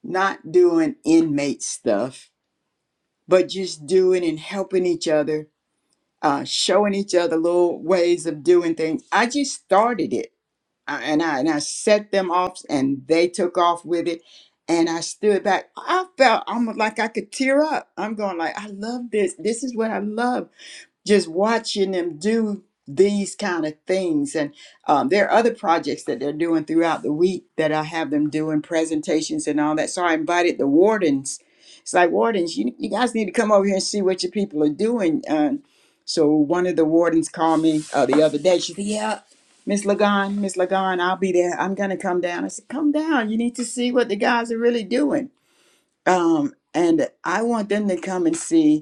A: not doing inmate stuff, but just doing and helping each other uh, showing each other little ways of doing things. I just started it. I- and I and I set them off, and they took off with it. And I stood back. I felt almost like I could tear up. I'm going like, I love this. This is what I love just watching them do these kind of things and um, there are other projects that they're doing throughout the week that i have them doing presentations and all that so i invited the wardens it's like wardens you, you guys need to come over here and see what your people are doing um, so one of the wardens called me uh, the other day she said yeah miss lagan miss lagan i'll be there i'm gonna come down i said come down you need to see what the guys are really doing um, and i want them to come and see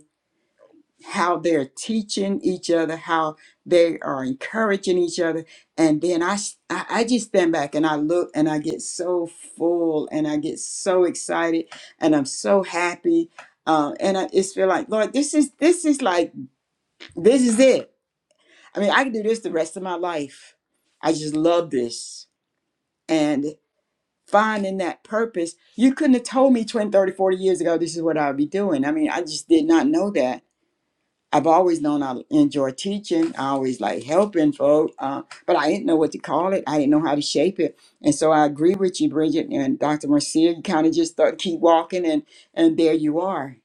A: how they're teaching each other, how they are encouraging each other. And then I, s- I I just stand back and I look and I get so full and I get so excited and I'm so happy. Uh, and I just feel like, Lord, this is, this is like, this is it. I mean, I can do this the rest of my life. I just love this. And finding that purpose, you couldn't have told me 20, 30, 40 years ago, this is what I would be doing. I mean, I just did not know that I've always known I enjoy teaching. I always like helping folk, uh, but I didn't know what to call it. I didn't know how to shape it. And so I agree with you, Bridget and Dr. Marcia. You kind of just start keep walking, and and there you are,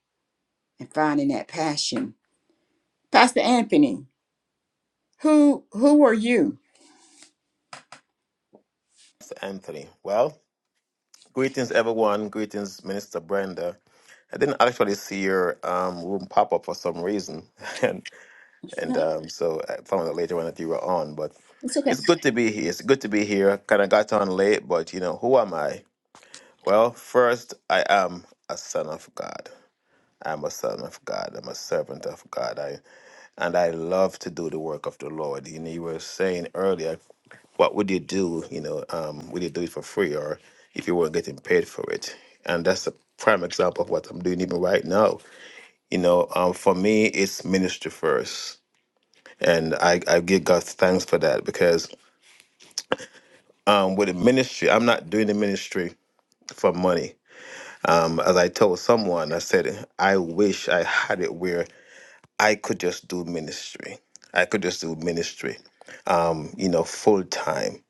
A: and finding that passion. Pastor Anthony, who who are you?
E: Mr. Anthony. Well, greetings, everyone. Greetings, Minister Brenda. I didn't actually see your um, room pop up for some reason, and and um, so I found out later on that you were on. But it's good to be here. It's good to be here. Kind of got on late, but you know who am I? Well, first I am a son of God. I'm a son of God. I'm a servant of God. I and I love to do the work of the Lord. You know, you were saying earlier, what would you do? You know, um, would you do it for free or if you weren't getting paid for it? And that's a prime example of what I'm doing even right now. You know, um, for me, it's ministry first, and I, I give God thanks for that because um, with the ministry, I'm not doing the ministry for money. Um, as I told someone, I said I wish I had it where I could just do ministry. I could just do ministry, you know, full time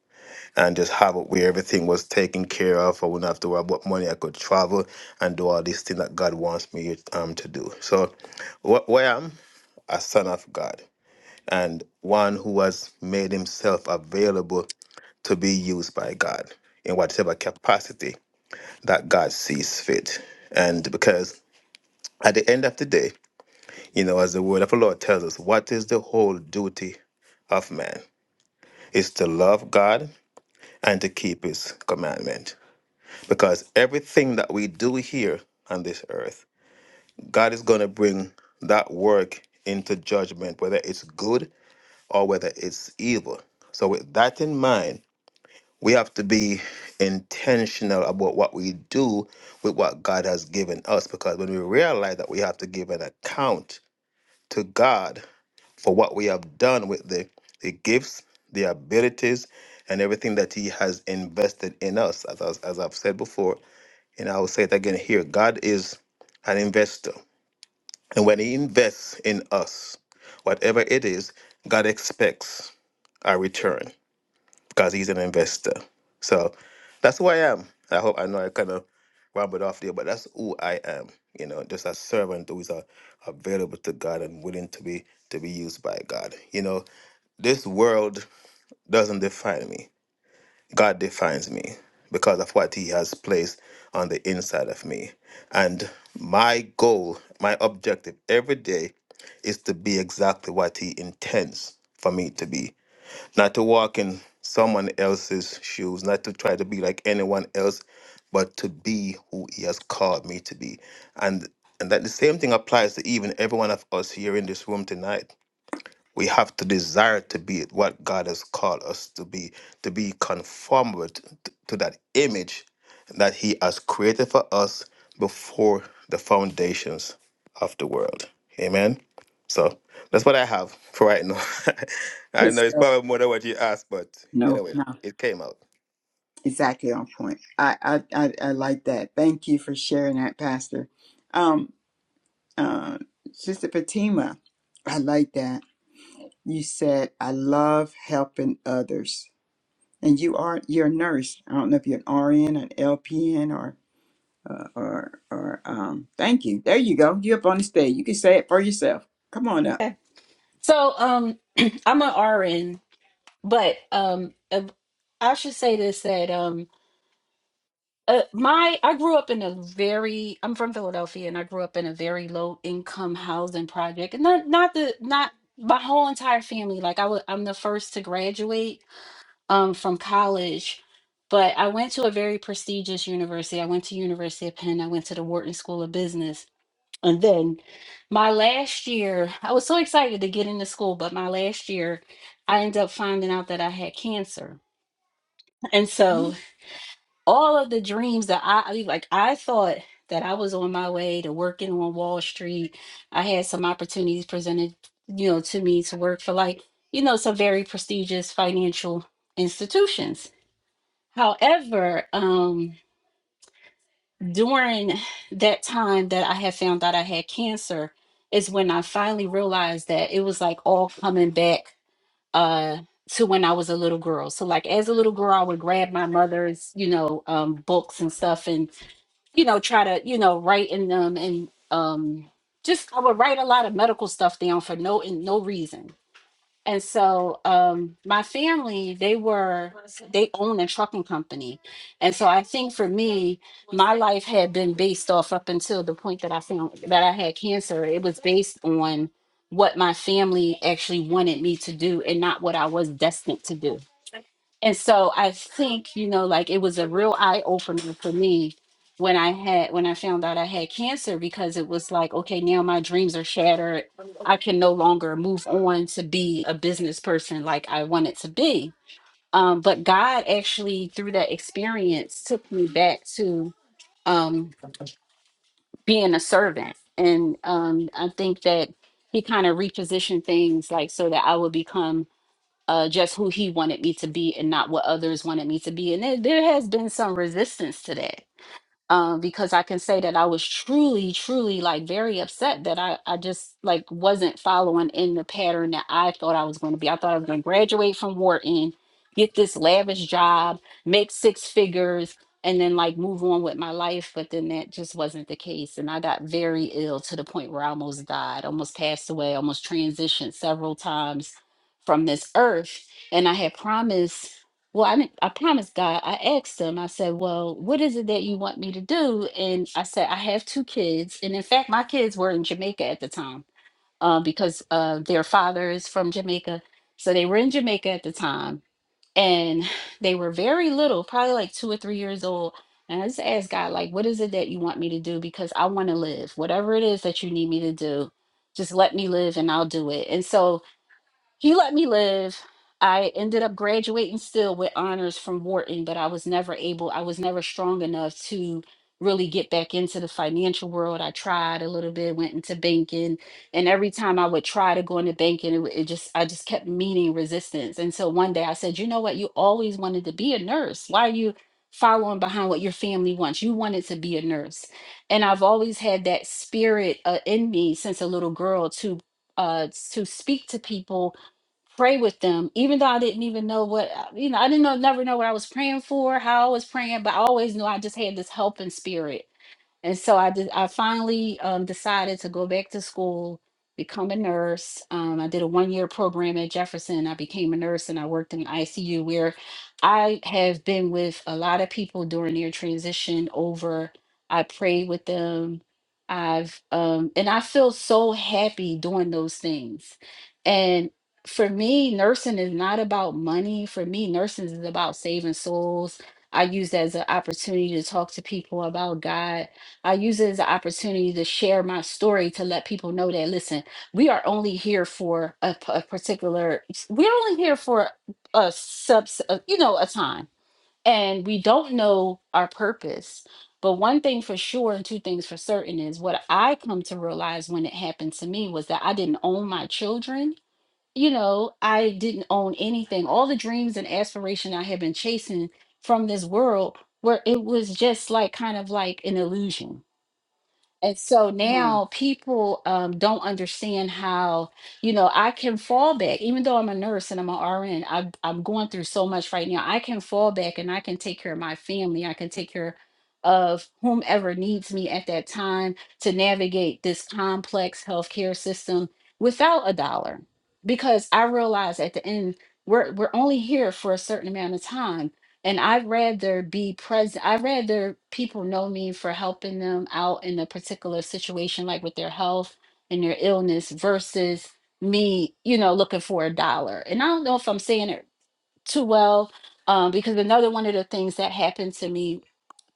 E: and just have it where everything was taken care of. I wouldn't have to worry about money. I could travel and do all these things that God wants me um, to do. So, wh- where I am, a son of God and one who has made himself available to be used by God in whatever capacity that God sees fit. And because at the end of the day, You know, as the word of the Lord tells us, what is the whole duty of man? It's to love God and to keep his commandment. Because everything that we do here on this earth, God is going to bring that work into judgment, whether it's good or whether it's evil. So, with that in mind, we have to be intentional about what we do with what God has given us. Because when we realize that we have to give an account to God for what we have done with the, the gifts, the abilities, and everything that He has invested in us. As, as, as I've said before, and I will say it again here God is an investor. And when He invests in us, whatever it is, God expects a return because He's an investor. So that's who I am. I hope I know I kind of rambled off there, but that's who I am. You know, just a servant who is a, available to God and willing to be to be used by God. You know, this world doesn't define me. God defines me because of what He has placed on the inside of me. And my goal, my objective every day is to be exactly what He intends for me to be, not to walk in someone else's shoes, not to try to be like anyone else, but to be who He has called me to be. And and that the same thing applies to even every one of us here in this room tonight we have to desire to be what God has called us to be, to be conformed t- to that image that He has created for us before the foundations of the world. Amen. So that's what I have for right now. I
A: Good
E: know it's
A: stuff.
E: probably more than what you asked, but
A: No,
E: anyway,
A: no,
E: it came out.
A: exactly on point. I I I, I like that. Thank you for sharing that, Pastor. Um, uh, Sister Fatima, I like that. You said, I love helping others. And you are, you're a nurse. I don't know if you're an RN, an LPN, or, uh, or, or, um, thank you. There you go. You're up on the stage. You can say it for yourself. Come on up.
F: So um I'm an RN, but um uh, I should say this that um uh, my I grew up in a very I'm from Philadelphia and I grew up in a very low income housing project. And not not the not my whole entire family like I was I'm the first to graduate um from college. But I went to a very prestigious university. I went to University of Penn. I went to the Wharton School of Business and then my last year, I was so excited to get into school, but my last year, I ended up finding out that I had cancer. And so
A: Mhm.
F: all of the dreams that I I mean, like, I thought that I was on my way to working on Wall Street. I had some opportunities presented, you know, to me to work for like, you know, some very prestigious financial institutions. However, um, during that time that I had found out I had cancer is when I finally realized that it was like all coming back uh to when I was a little girl. So like as a little girl I would grab my mother's, you know, um books and stuff and you know try to, you know, write in them and um just I would write a lot of medical stuff down for no and no reason and so um my family, they were they own a trucking company. And so I think for me, my life had been based off up until the point that I found that I had cancer. It was based on what my family actually wanted me to do and not what I was destined to do. And so I think, you know, like it was a real eye opener for me when I had when I found out I had cancer because it was like, okay, now my dreams are shattered. I can no longer move on to be a business person like I wanted to be. Um, but God actually through that experience took me back to um being a servant. And um I think that he kind of repositioned things like so that I would become uh, just who he wanted me to be and not what others wanted me to be. And there, there has been some resistance to that um, because I can say that I was truly, truly like very upset that I, I just like wasn't following in the pattern that I thought I was going to be. I thought I was going to graduate from Wharton, get this lavish job, make six figures, and then like move on with my life. But then that just wasn't the case. And I got very ill to the point where I almost died, almost passed away, almost transitioned several times from this earth. And I had promised well, I mean, I promised God. I asked him. I said, "Well, what is it that you want me to do?" And I said, "I have two kids, and in fact, my kids were in Jamaica at the time uh, because uh, their father is from Jamaica, so they were in Jamaica at the time, and they were very little, probably like two or three years old." And I just asked God, like, "What is it that you want me to do?" Because I want to live. Whatever it is that you need me to do, just let me live, and I'll do it. And so he let me live. I ended up graduating still with honors from Wharton, but I was never able, I was never strong enough to really get back into the financial world. I tried a little bit, went into banking, and every time I would try to go into banking, it, w- it just, I just kept meeting resistance. And so one day I said, you know what? You always wanted to be a nurse. Why are you following behind what your family wants? You wanted to be a nurse. And I've always had that spirit uh, in me since a little girl to uh, to speak to people pray with them, even though I didn't even know what uh, you know. I didn't know, never know what I was praying for, how I was praying, but I always knew I just had this helping spirit and so I did, I finally um, decided to go back to school, become a nurse. Um, I did a one year program at Jefferson. I became a nurse and I worked in ICU where I have been with a lot of people during their transition over. I prayed with them. I've, um, and I feel so happy doing those things. And for me, nursing is not about money. For me, nursing is about saving souls. I use that as an opportunity to talk to people about God I use it as an opportunity to share my story to let people know that listen, we are only here for a, p- a particular, we're only here for a subs, a, you know, a time, and we don't know our purpose. But one thing for sure, and two things for certain, is what I come to realize when it happened to me was that I didn't own my children. You know, I didn't own anything. All the dreams and aspiration I had been chasing from this world, where it was just like kind of like an illusion and so
A: hmm
F: now people um, don't understand how, you know, I can fall back, even though I'm a nurse and I'm an RN, I'm going through so much right now. I can fall back and I can take care of my family. I can take care of whomever needs me at that time to navigate this complex healthcare system without a dollar. Because I realize at the end, we're, we're only here for a certain amount of time and I'd rather be present. I'd rather people know me for helping them out in a particular situation, like with their health and their illness, versus me, you know, looking for a dollar. And I don't know if I'm saying it too well, um, because another one of the things that happened to me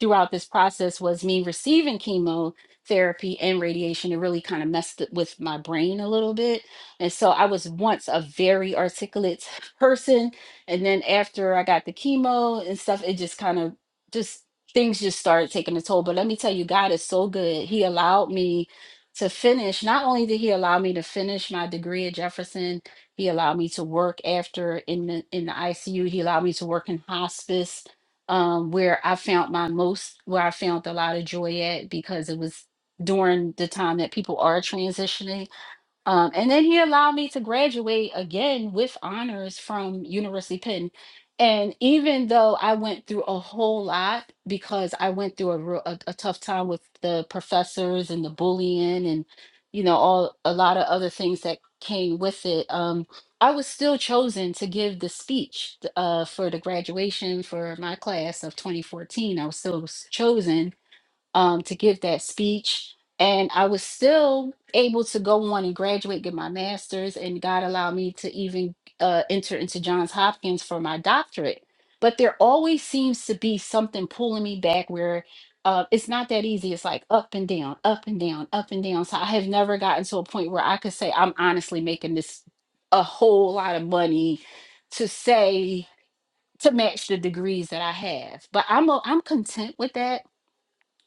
F: throughout this process was me receiving chemotherapy and radiation. It really kind of messed with my brain a little bit. And so I was once a very articulate person. And then after I got the chemo and stuff, it just kind of just things just started taking a toll. But let me tell you, God is so good. He allowed me to finish. Not only did he allow me to finish my degree at Jefferson, he allowed me to work after in the in the ICU. He allowed me to work in hospice um, where I found my most, where I found a lot of joy at because it was during the time that people are transitioning um, and then he allowed me to graduate again with honors from University Penn. And even though I went through a whole lot because I went through a, real, a, a tough time with the professors and the bullying and you know all a lot of other things that came with it, um, I was still chosen to give the speech uh, for the graduation for my class of 2014. I was still s- chosen um, to give that speech. And I was still able to go on and graduate, get my master's, and God allowed me to even uh, enter into Johns Hopkins for my doctorate. But there always seems to be something pulling me back where uh, it's not that easy. It's like up and down, up and down, up and down. So I have never gotten to a point where I could say, I'm honestly making this a whole lot of money to say, to match the degrees that I have. But I'm, o- I'm content with that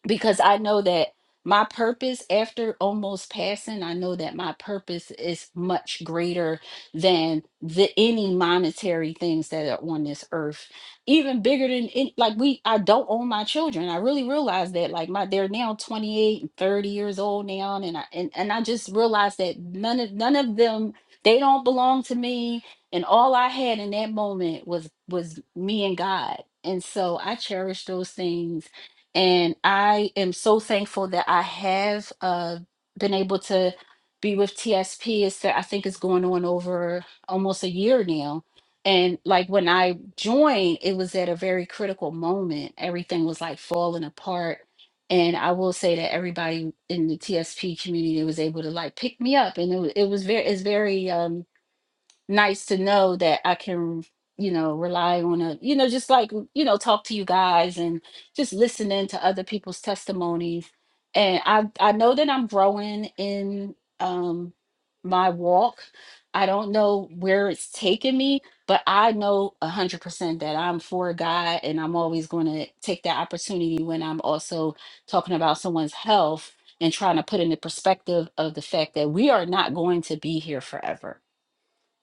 F: because I know that my purpose after almost passing, I know that my purpose is much greater than the any monetary things that are on this earth. Even bigger than it, like we I don't own my children. I really realized that like my they're now 28 and 30 years old now and I and, and I just realized that none of none of them they don't belong to me and all I had in that moment was was me and God. And so I cherish those things and I am so thankful that I have uh, been able to be with TSP. It's, I think it's going on over almost a year now. And like when I joined, it was at a very critical moment. Everything was like falling apart. And I will say that everybody in the TSP community was able to like pick me up. And it, wa- it was very, it's very, um, nice to know that I can, you know, rely on a, you know, just like, you know, talk to you guys and just listening to other people's testimonies. And I I know that I'm growing in um my walk. I don't know where it's taking me, but I know a hundred percent that I'm for God and I'm always gonna take that opportunity when I'm also talking about someone's health and trying to put in the perspective of the fact that we are not going to be here forever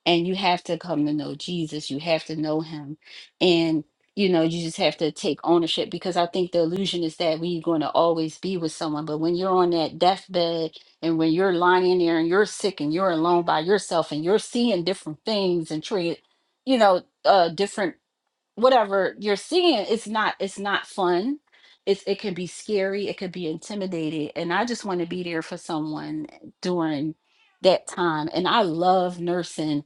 F: and you have to come to know Jesus. You have to know him. And you know, you just have to take ownership because I think the illusion is that we're going to always be with someone. But when you're on that deathbed and when you're lying there and you're sick and you're alone by yourself and you're seeing different things and treat, you know, uh different whatever you're seeing, it's not it's not fun. It's it can be scary, it could be intimidating. And I just want to be there for someone during that time. And I love nursing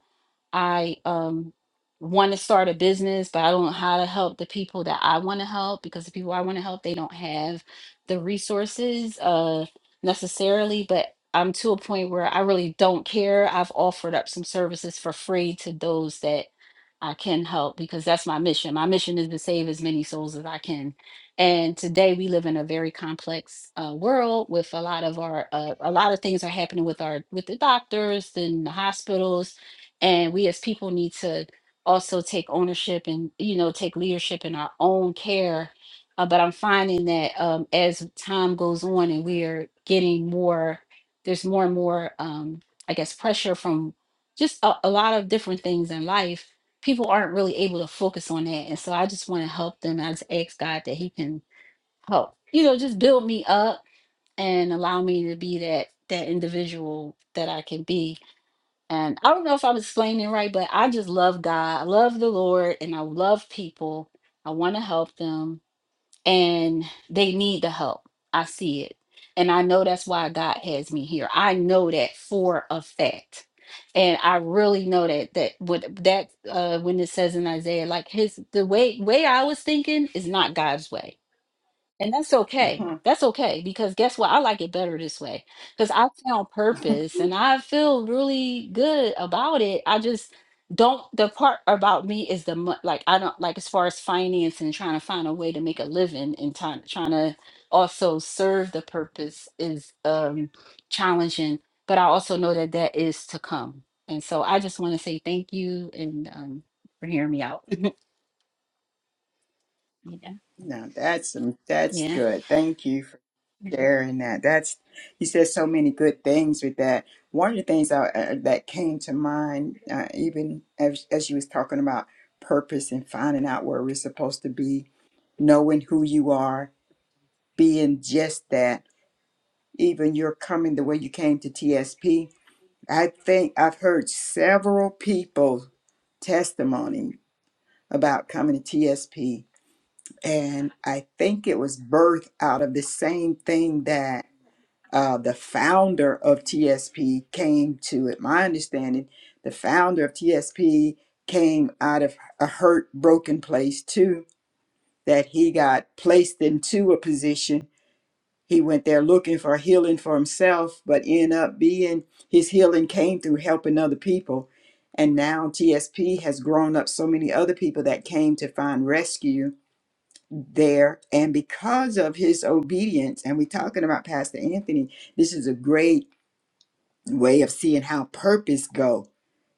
F: I um want to start a business, but I don't know how to help the people that I want to help because the people I want to help, they don't have the resources uh necessarily, but I'm to a point where I really don't care. I've offered up some services for free to those that I can help because that's my mission. My mission is to save as many souls as I can. And today we live in a very complex uh, world with a lot of our uh, a lot of things are happening with our with the doctors and the hospitals and we as people need to also take ownership and you know take leadership in our own care Uh, but i'm finding that um, as time goes on and we are getting more there's more and more um, i guess pressure from just a, a lot of different things in life people aren't really able to focus on that and so i just want to help them i just ask god that he can help you know just build me up and allow me to be that that individual that i can be and I don't know if I'm explaining right, but I just love God. I love the Lord and I love people. I want to help them and they need the help. I see it. And I know that's why God has me here. I know that for a fact. And I really know that that what that uh when it says in Isaiah, like his the way way I was thinking is not God's way and that's okay. That's okay because guess what? I like it better this way because I found purpose and I feel really good about it. I just don't, the part about me is the, mo- like, I don't, like, as far as finance and trying to find a way to make a living and time, trying to also serve the purpose is um challenging. But I also know that that is to come. And so I just want to say thank you and um for hearing me out. Yeah.
A: No, that's some that's
F: Yeah.
A: good. Thank you for
F: Mhm.
A: sharing that. That's you said so many good things with that. One of the things I, uh, that came to mind, uh, even as as you was talking about purpose and finding out where we're supposed to be, knowing who you are, being just that. Even your coming the way you came to TSP. I think I've heard several people testimony about coming to TSP. And I think it was birthed out of the same thing that uh, the founder of TSP came to it. My understanding, the founder of TSP came out of a hurt, broken place too, that he got placed into a position He went there looking for healing for himself, but ended up being his healing came through helping other people. And now TSP has grown up so many other people that came to find rescue there. And because of his obedience, and we're talking about Pastor Anthony, this is a great way of seeing how purpose go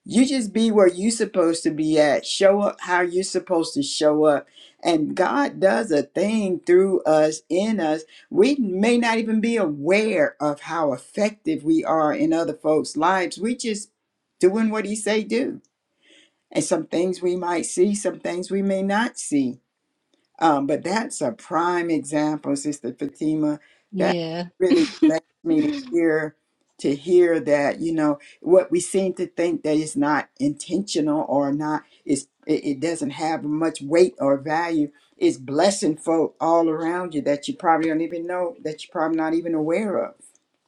A: you just be where you are supposed to be at show up how you're supposed to show up and god does a thing through us in us we may not even be aware of how effective we are in other folks lives we just doing what he say do and some things we might see some things we may not see um, but that's a prime example, Sister Fatima. That
F: Yeah.
A: really blessed me to hear to hear that you know what we seem to think that is not intentional or not is it, it doesn't have much weight or value is blessing folk all around you that you probably don't even know that you're probably not even aware of.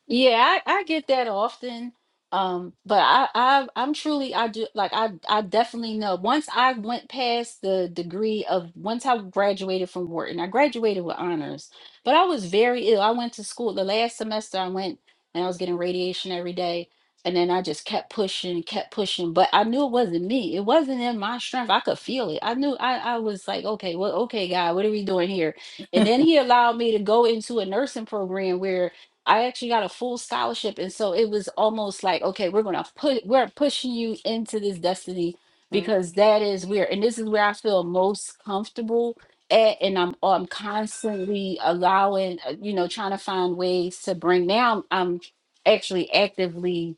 F: Yeah, I, I get that often. Um, but I, I I'm truly I do like I I definitely know once I went past the degree of once I graduated from Wharton, I graduated with honors, but I was very ill. I went to school the last semester I went and I was getting radiation every day. And then I just kept pushing, kept pushing, but I knew it wasn't me. It wasn't in my strength. I could feel it. I knew I, I was like, okay, well, okay, God, what are we doing here? And then he allowed me to go into a nursing program where I actually got a full scholarship. And so it was almost like, okay, we're gonna put we're pushing you into this destiny
A: Mhm.
F: because that is where and this is where I feel most comfortable at. And I'm I'm constantly allowing, uh, you know, trying to find ways to bring now I'm, I'm actually actively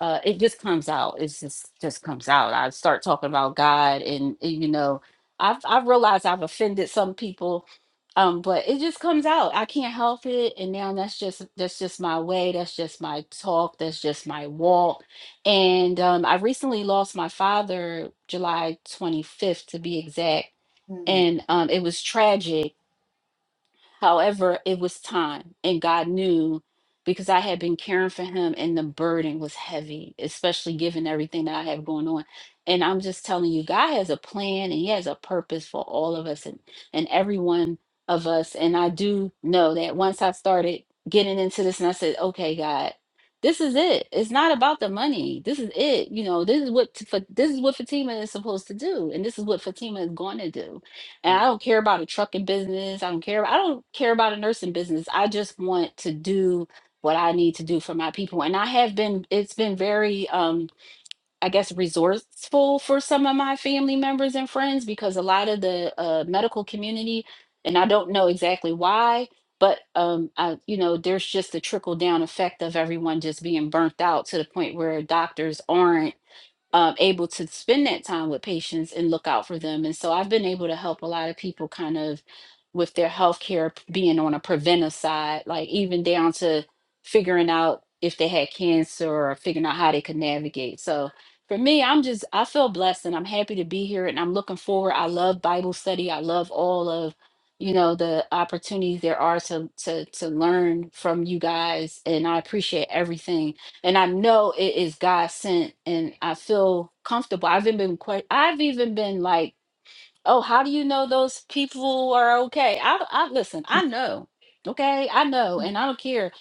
F: uh it just comes out it's just just comes out i start talking about god and and, you know i've i've realized i've offended some people um but it just comes out i can't help it and now that's just that's just my way that's just my talk that's just my walk and um i recently lost my father july 25th to be exact
A: Mhm.
F: and um it was tragic However, it was time, and God knew because I had been caring for him, and the burden was heavy, especially given everything that I have going on. And I'm just telling you, God has a plan and He has a purpose for all of us and, and every one of us. And I do know that once I started getting into this, and I said, okay, God. This is it. It's not about the money. This is it. You know, this is what for, this is what Fatima is supposed to do, and this is what Fatima is going to do and I don't care about a trucking business. I don't care. I don't care about a nursing business. I just want to do what I need to do for my people. And I have been, it's been very, um, I guess, resourceful for some of my family members and friends because a lot of the uh, medical community, and I don't know exactly why, but um, I, you know, there's just a trickle down effect of everyone just being burnt out to the point where doctors aren't um, able to spend that time with patients and look out for them. And so I've been able to help a lot of people kind of with their healthcare p- being on a preventive side, like even down to figuring out if they had cancer or figuring out how they could navigate. So for me, I'm just, I feel blessed and I'm happy to be here and I'm looking forward. I love Bible study. I love all of, you know, the opportunities there are to, to, to learn from you guys. And I appreciate everything and I know it is God sent, and I feel comfortable. I've even been que- I've even been like, oh, how do you know those people are okay? I, I listen. I know, okay, I know, and I don't care.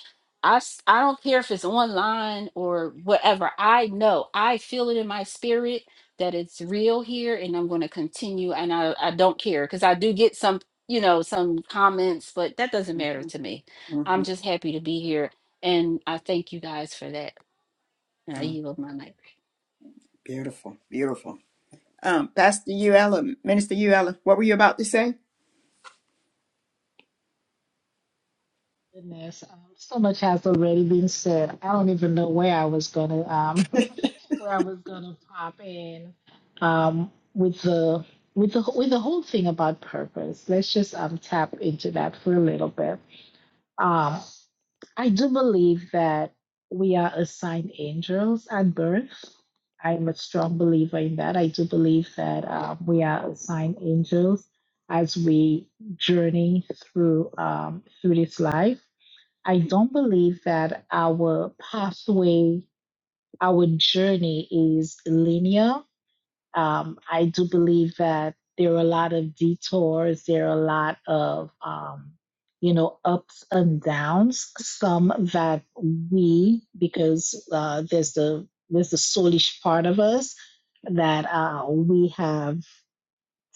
F: I s- I don't care if it's online or whatever. I know. I feel it in my spirit that it's real here, and I'm going to continue. And I I don't care because I do get some you know some comments, but that doesn't matter to me. I'm
A: Mhm.
F: just happy to be here, and I thank you guys for that. I
A: mhm.
F: yield my mic.
A: Beautiful, beautiful. Um, Pastor UL or Minister UL, what were you about to say?
C: Goodness, um, so much has already been said. I don't even know where I was gonna, um, where I was gonna pop in, um, with the. With the, with the whole thing about purpose, let's just um, tap into that for a little bit Um, I do believe that we are assigned angels at birth. I'm a strong believer in that. I do believe that um, we are assigned angels as we journey through um, through this life. I don't believe that our pathway, our journey is linear. Um, I do believe that there are a lot of detours, there are a lot of, um, you know, ups and downs, some that we, because uh, there's the there's the soulish part of us that uh, we have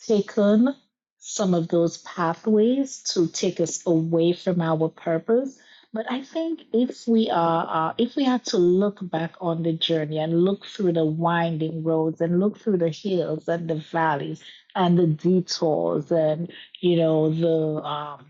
C: taken some of those pathways to take us away from our purpose. But I think if we are, uh, if we had to look back on the journey and look through the winding roads and look through the hills and the valleys and the detours and you know the um,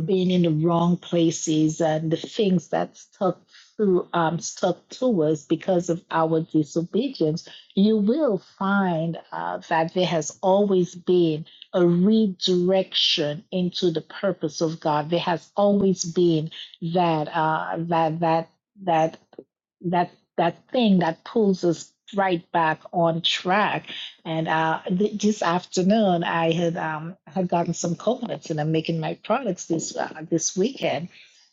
C: being in the wrong places and the things that stuck through um stuck to us because of our disobedience, you will find uh, that there has always been a redirection into the purpose of God. There has always been that uh, that that that that that thing that pulls us right back on track. And uh, th- this afternoon, I had um, had gotten some coconuts, and I'm making my products this uh, this weekend.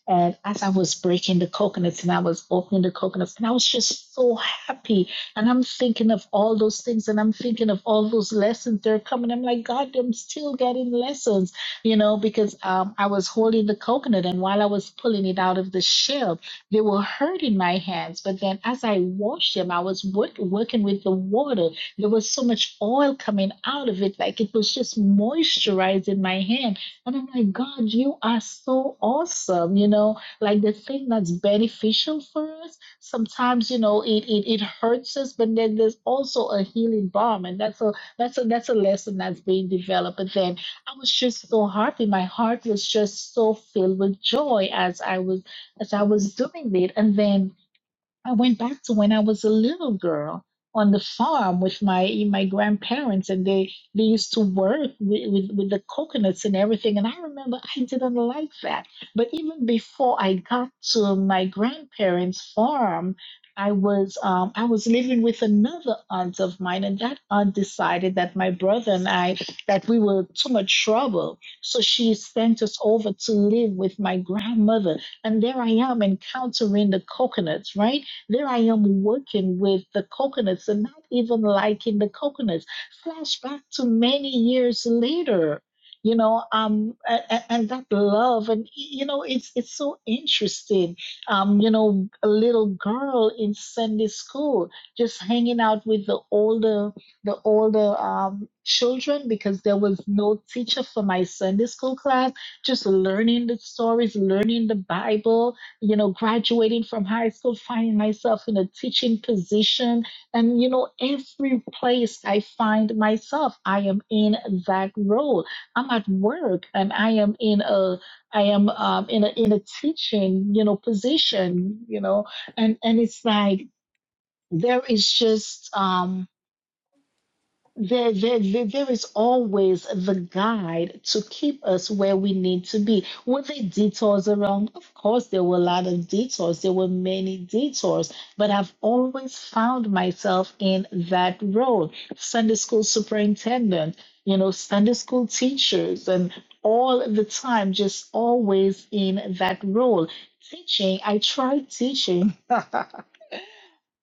C: And as I was breaking the coconuts and I was opening the coconuts, and I was just so happy. And I'm thinking of all those things, and I'm thinking of all those lessons that are coming. I'm like, God, I'm still getting lessons, you know, because um, I was holding the coconut, and while I was pulling it out of the shell, they were hurt in my hands, but then as I washed them, I was work, working with the water. There was so much oil coming out of it, like it was just moisturizing my hand. And I'm like, God, you are so awesome. You know, like the thing that's beneficial for us, sometimes, you know, it, it, it hurts us, but then there's also a healing balm. And that's a, that's a, that's a lesson that's being developed. But then I was just so happy. My heart was just so filled with joy as I was as I was doing it, and then I went back to when I was a little girl on the farm with my my grandparents, and they they used to work with, with, with the coconuts and everything. And I remember I didn't like that. But even before I got to my grandparents' farm, I was um, I was living with another aunt of mine, and that aunt decided that my brother and I that we were too much trouble, so she sent us over to live with my grandmother. And there I am encountering the coconuts, right? There I am working with the coconuts and not even liking the coconuts. Flashback to many years later, you know, um, a- a- and that love, and you know, it's it's so interesting. Um, you know, a little girl in Sunday school just hanging out with the older the older um children because there was no teacher for my Sunday school class. Just learning the stories, learning the Bible you know, graduating from high school, finding myself in a teaching position. And, you know, every place I find myself, I am in that role. I'm at work and I am in a, I am um, in a, in a teaching, you know, position, you know, and, and it's like, there is just, um, there, there, there, there is always the guide to keep us where we need to be. Were there detours around? Of course, there were a lot of detours. There were many detours, but I've always found myself in that role. Sunday school superintendent, you know, Sunday school teachers, and all the time, just always in that role. Teaching, I tried teaching.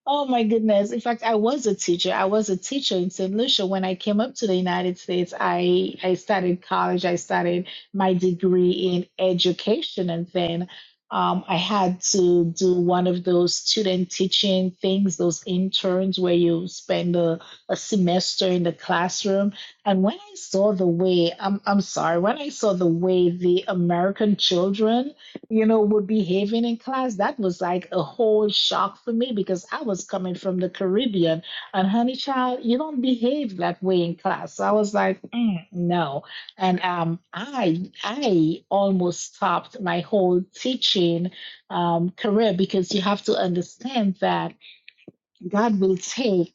C: Oh my goodness. In fact, I was a teacher. I was a teacher in St. Lucia. When I came up to the United States, I, I started college. I started my degree in education. And then um, I had to do one of those student teaching things, those interns where you spend a, a semester in the classroom. And when I saw the way, I'm, I'm sorry, when I saw the way the American children you know, were behaving in class, that was like a whole shock for me because I was coming from the Caribbean. And honey child, you don't behave that way in class. So I was like, "Mm, no. And um, I I almost stopped my whole teaching um, career because you have to understand that God will take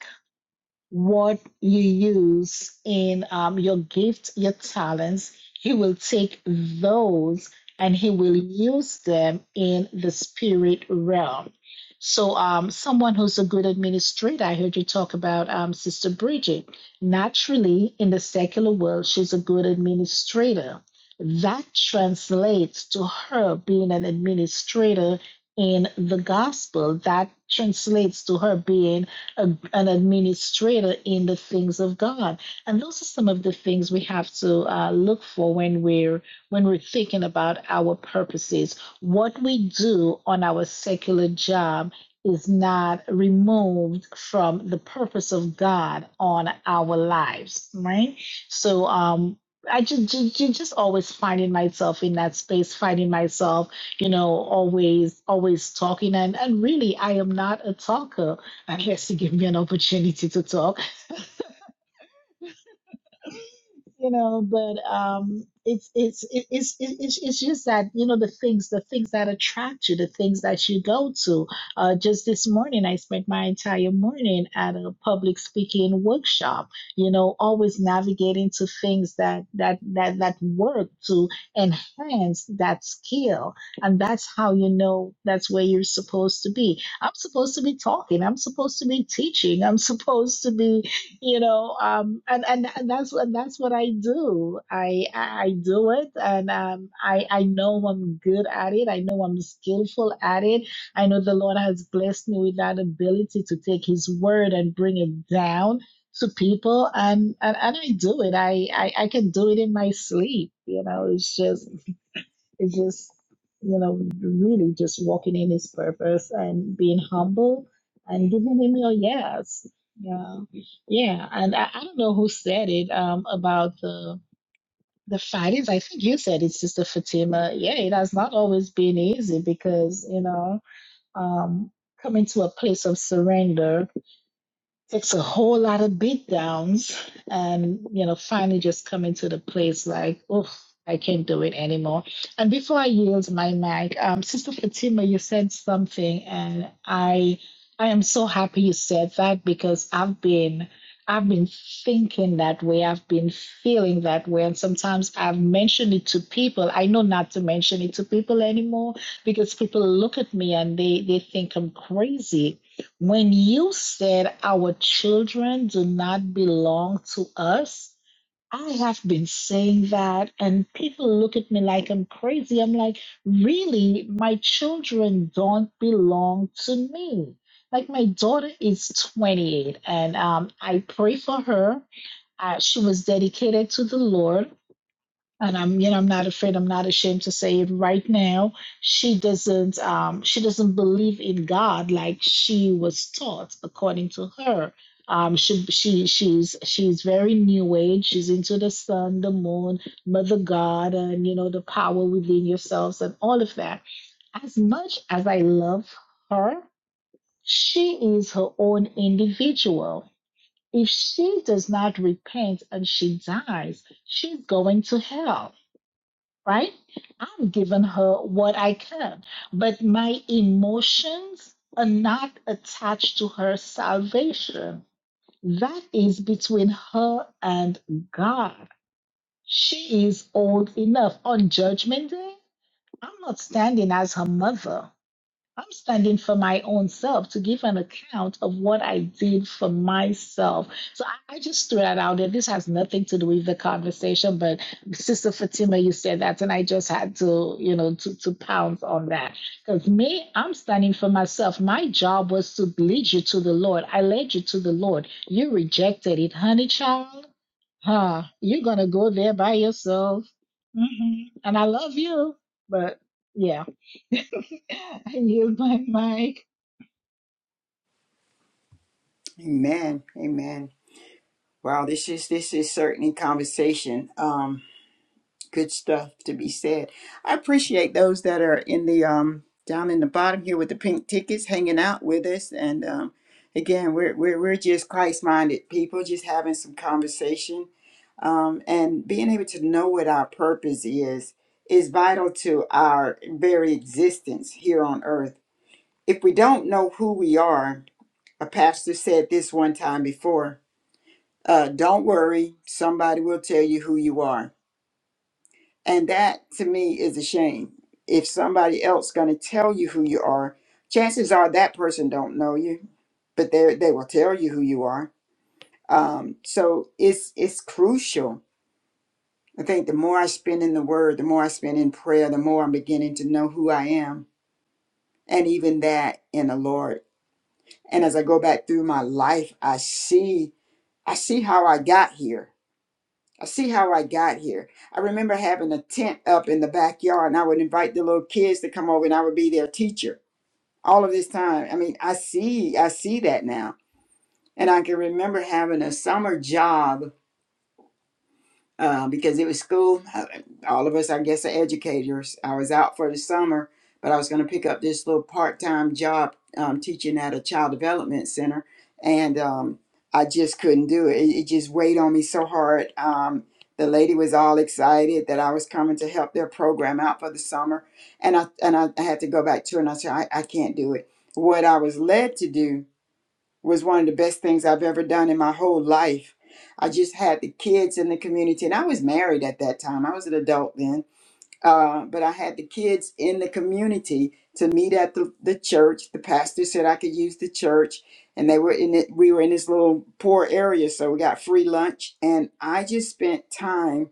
C: what you use in um, your gift, your talents. He will take those and he will use them in the spirit realm. So, um, someone who's a good administrator, I heard you talk about um, Sister Bridget. Naturally, in the secular world, she's a good administrator. That translates to her being an administrator in the gospel. That translates to her being a, an administrator in the things of God. And those are some of the things we have to uh, look for when we're when we're thinking about our purposes. What we do on our secular job is not removed from the purpose of God on our lives, right? So um I just, just just always finding myself in that space, finding myself, you know, always always talking and and really I am not a talker unless you give me an opportunity to talk you know but um it's it's it- it's it- it's it's just that you know the things the things that attract you the things that you go to uh just this morning i spent my entire morning at a public speaking workshop you know always navigating to things that that that that work to enhance that skill and that's how you know that's where you're supposed to be i'm supposed to be talking i'm supposed to be teaching i'm supposed to be you know um and and, and that's what that's what i do i i I do it and um i i know i'm good at it i know i'm skillful at it i know the lord has blessed me with that ability to take his word and bring it down to people and and, and i do it I, I i can do it in my sleep you know it's just it's just, you know, really just walking in his purpose and being humble and giving him your yes. Yeah. Yeah. And I, I don't know who said it um, about the the fightings. I think you said it, Sister Fatima. Yeah, it has not always been easy because, you know, um, coming to a place of surrender takes a whole lot of beat downs and you know finally just coming to the place like oh i can't do it anymore and before i yield my mic um sister fatima you said something and i i am so happy you said that because i've been i've been thinking that way i've been feeling that way and sometimes i've mentioned it to people i know not to mention it to people anymore because people look at me and they they think i'm crazy when you said our children do not belong to us, I have been saying that, and people look at me like I'm crazy. I'm like, really? My children don't belong to me. Like, my daughter is 28, and um, I pray for her. Uh, she was dedicated to the Lord and I'm you know I'm not afraid I'm not ashamed to say it right now she doesn't um she doesn't believe in God like she was taught according to her um she she she's she's very new age she's into the sun the moon mother god and you know the power within yourselves and all of that as much as I love her she is her own individual if she does not repent and she dies she's going to hell right? I've given her what I can, but my emotions are not attached to her salvation. That is between her and God. She is old enough. On Judgment Day, I'm not standing as her mother. I'm standing for my own self to give an account of what I did for myself. So I, I just threw that out there. This has nothing to do with the conversation, but Sister Fatima, you said that, and I just had to, you know, to, to pounce on that. Because me, I'm standing for myself. My job was to lead you to the Lord. I led you to the Lord. You rejected it, honey child huh, you're gonna go there by yourself. hmm And I love you, but yeah, I yield my mic.
A: Amen. Amen. Wow, this is this is certainly conversation. Um, good stuff to be said. I appreciate those that are in the um down in the bottom here with the pink tickets hanging out with us. And um again, we're we're we're just Christ minded people, just having some conversation. Um, and being able to know what our purpose is is vital to our very existence here on earth. If we don't know who we are, a pastor said this one time before Uh, don't worry, somebody will tell you who you are. And that to me is a shame. If somebody else going to tell you who you are, chances are that person don't know you, but they they will tell you who you are. Um, so it's it's crucial. I think the more I spend in the Word, the more I spend in prayer, the more I'm beginning to know who I am, and even that in the Lord. And as I go back through my life, I see I see how I got here I see how I got here. I remember having a tent up in the backyard, and I would invite the little kids to come over, and I would be their teacher all of this time. I mean, I see, I see that now, and I can remember having a summer job uh, because it was school. uh, All of us, I guess, are educators. I was out for the summer, but I was going to pick up this little part time job um, teaching at a child development center. And um, I just couldn't do it. It, it just weighed on me so hard. Um, the lady was all excited that I was coming to help their program out for the summer. And I, and I had to go back to her and I said, I, I can't do it. What I was led to do was one of the best things I've ever done in my whole life. I just had the kids in the community, and I was married at that time. I was an adult then, uh, but I had the kids in the community to meet at the, the church. The pastor said I could use the church, and they were in it. We were in this little poor area, so we got free lunch, and I just spent time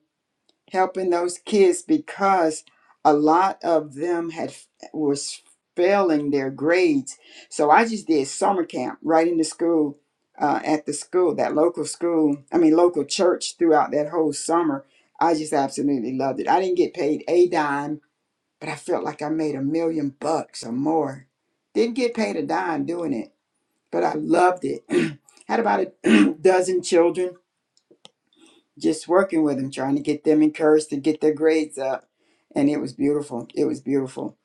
A: helping those kids because a lot of them had was failing their grades. So I just did summer camp right in the school, uh, at the school, that local school. I mean, local church throughout that whole summer. I just absolutely loved it. I didn't get paid a dime, but I felt like I made a million bucks or more. Didn't get paid a dime doing it, but I loved it. Had about a dozen children just working with them, trying to get them encouraged to get their grades up. And it was beautiful. It was beautiful.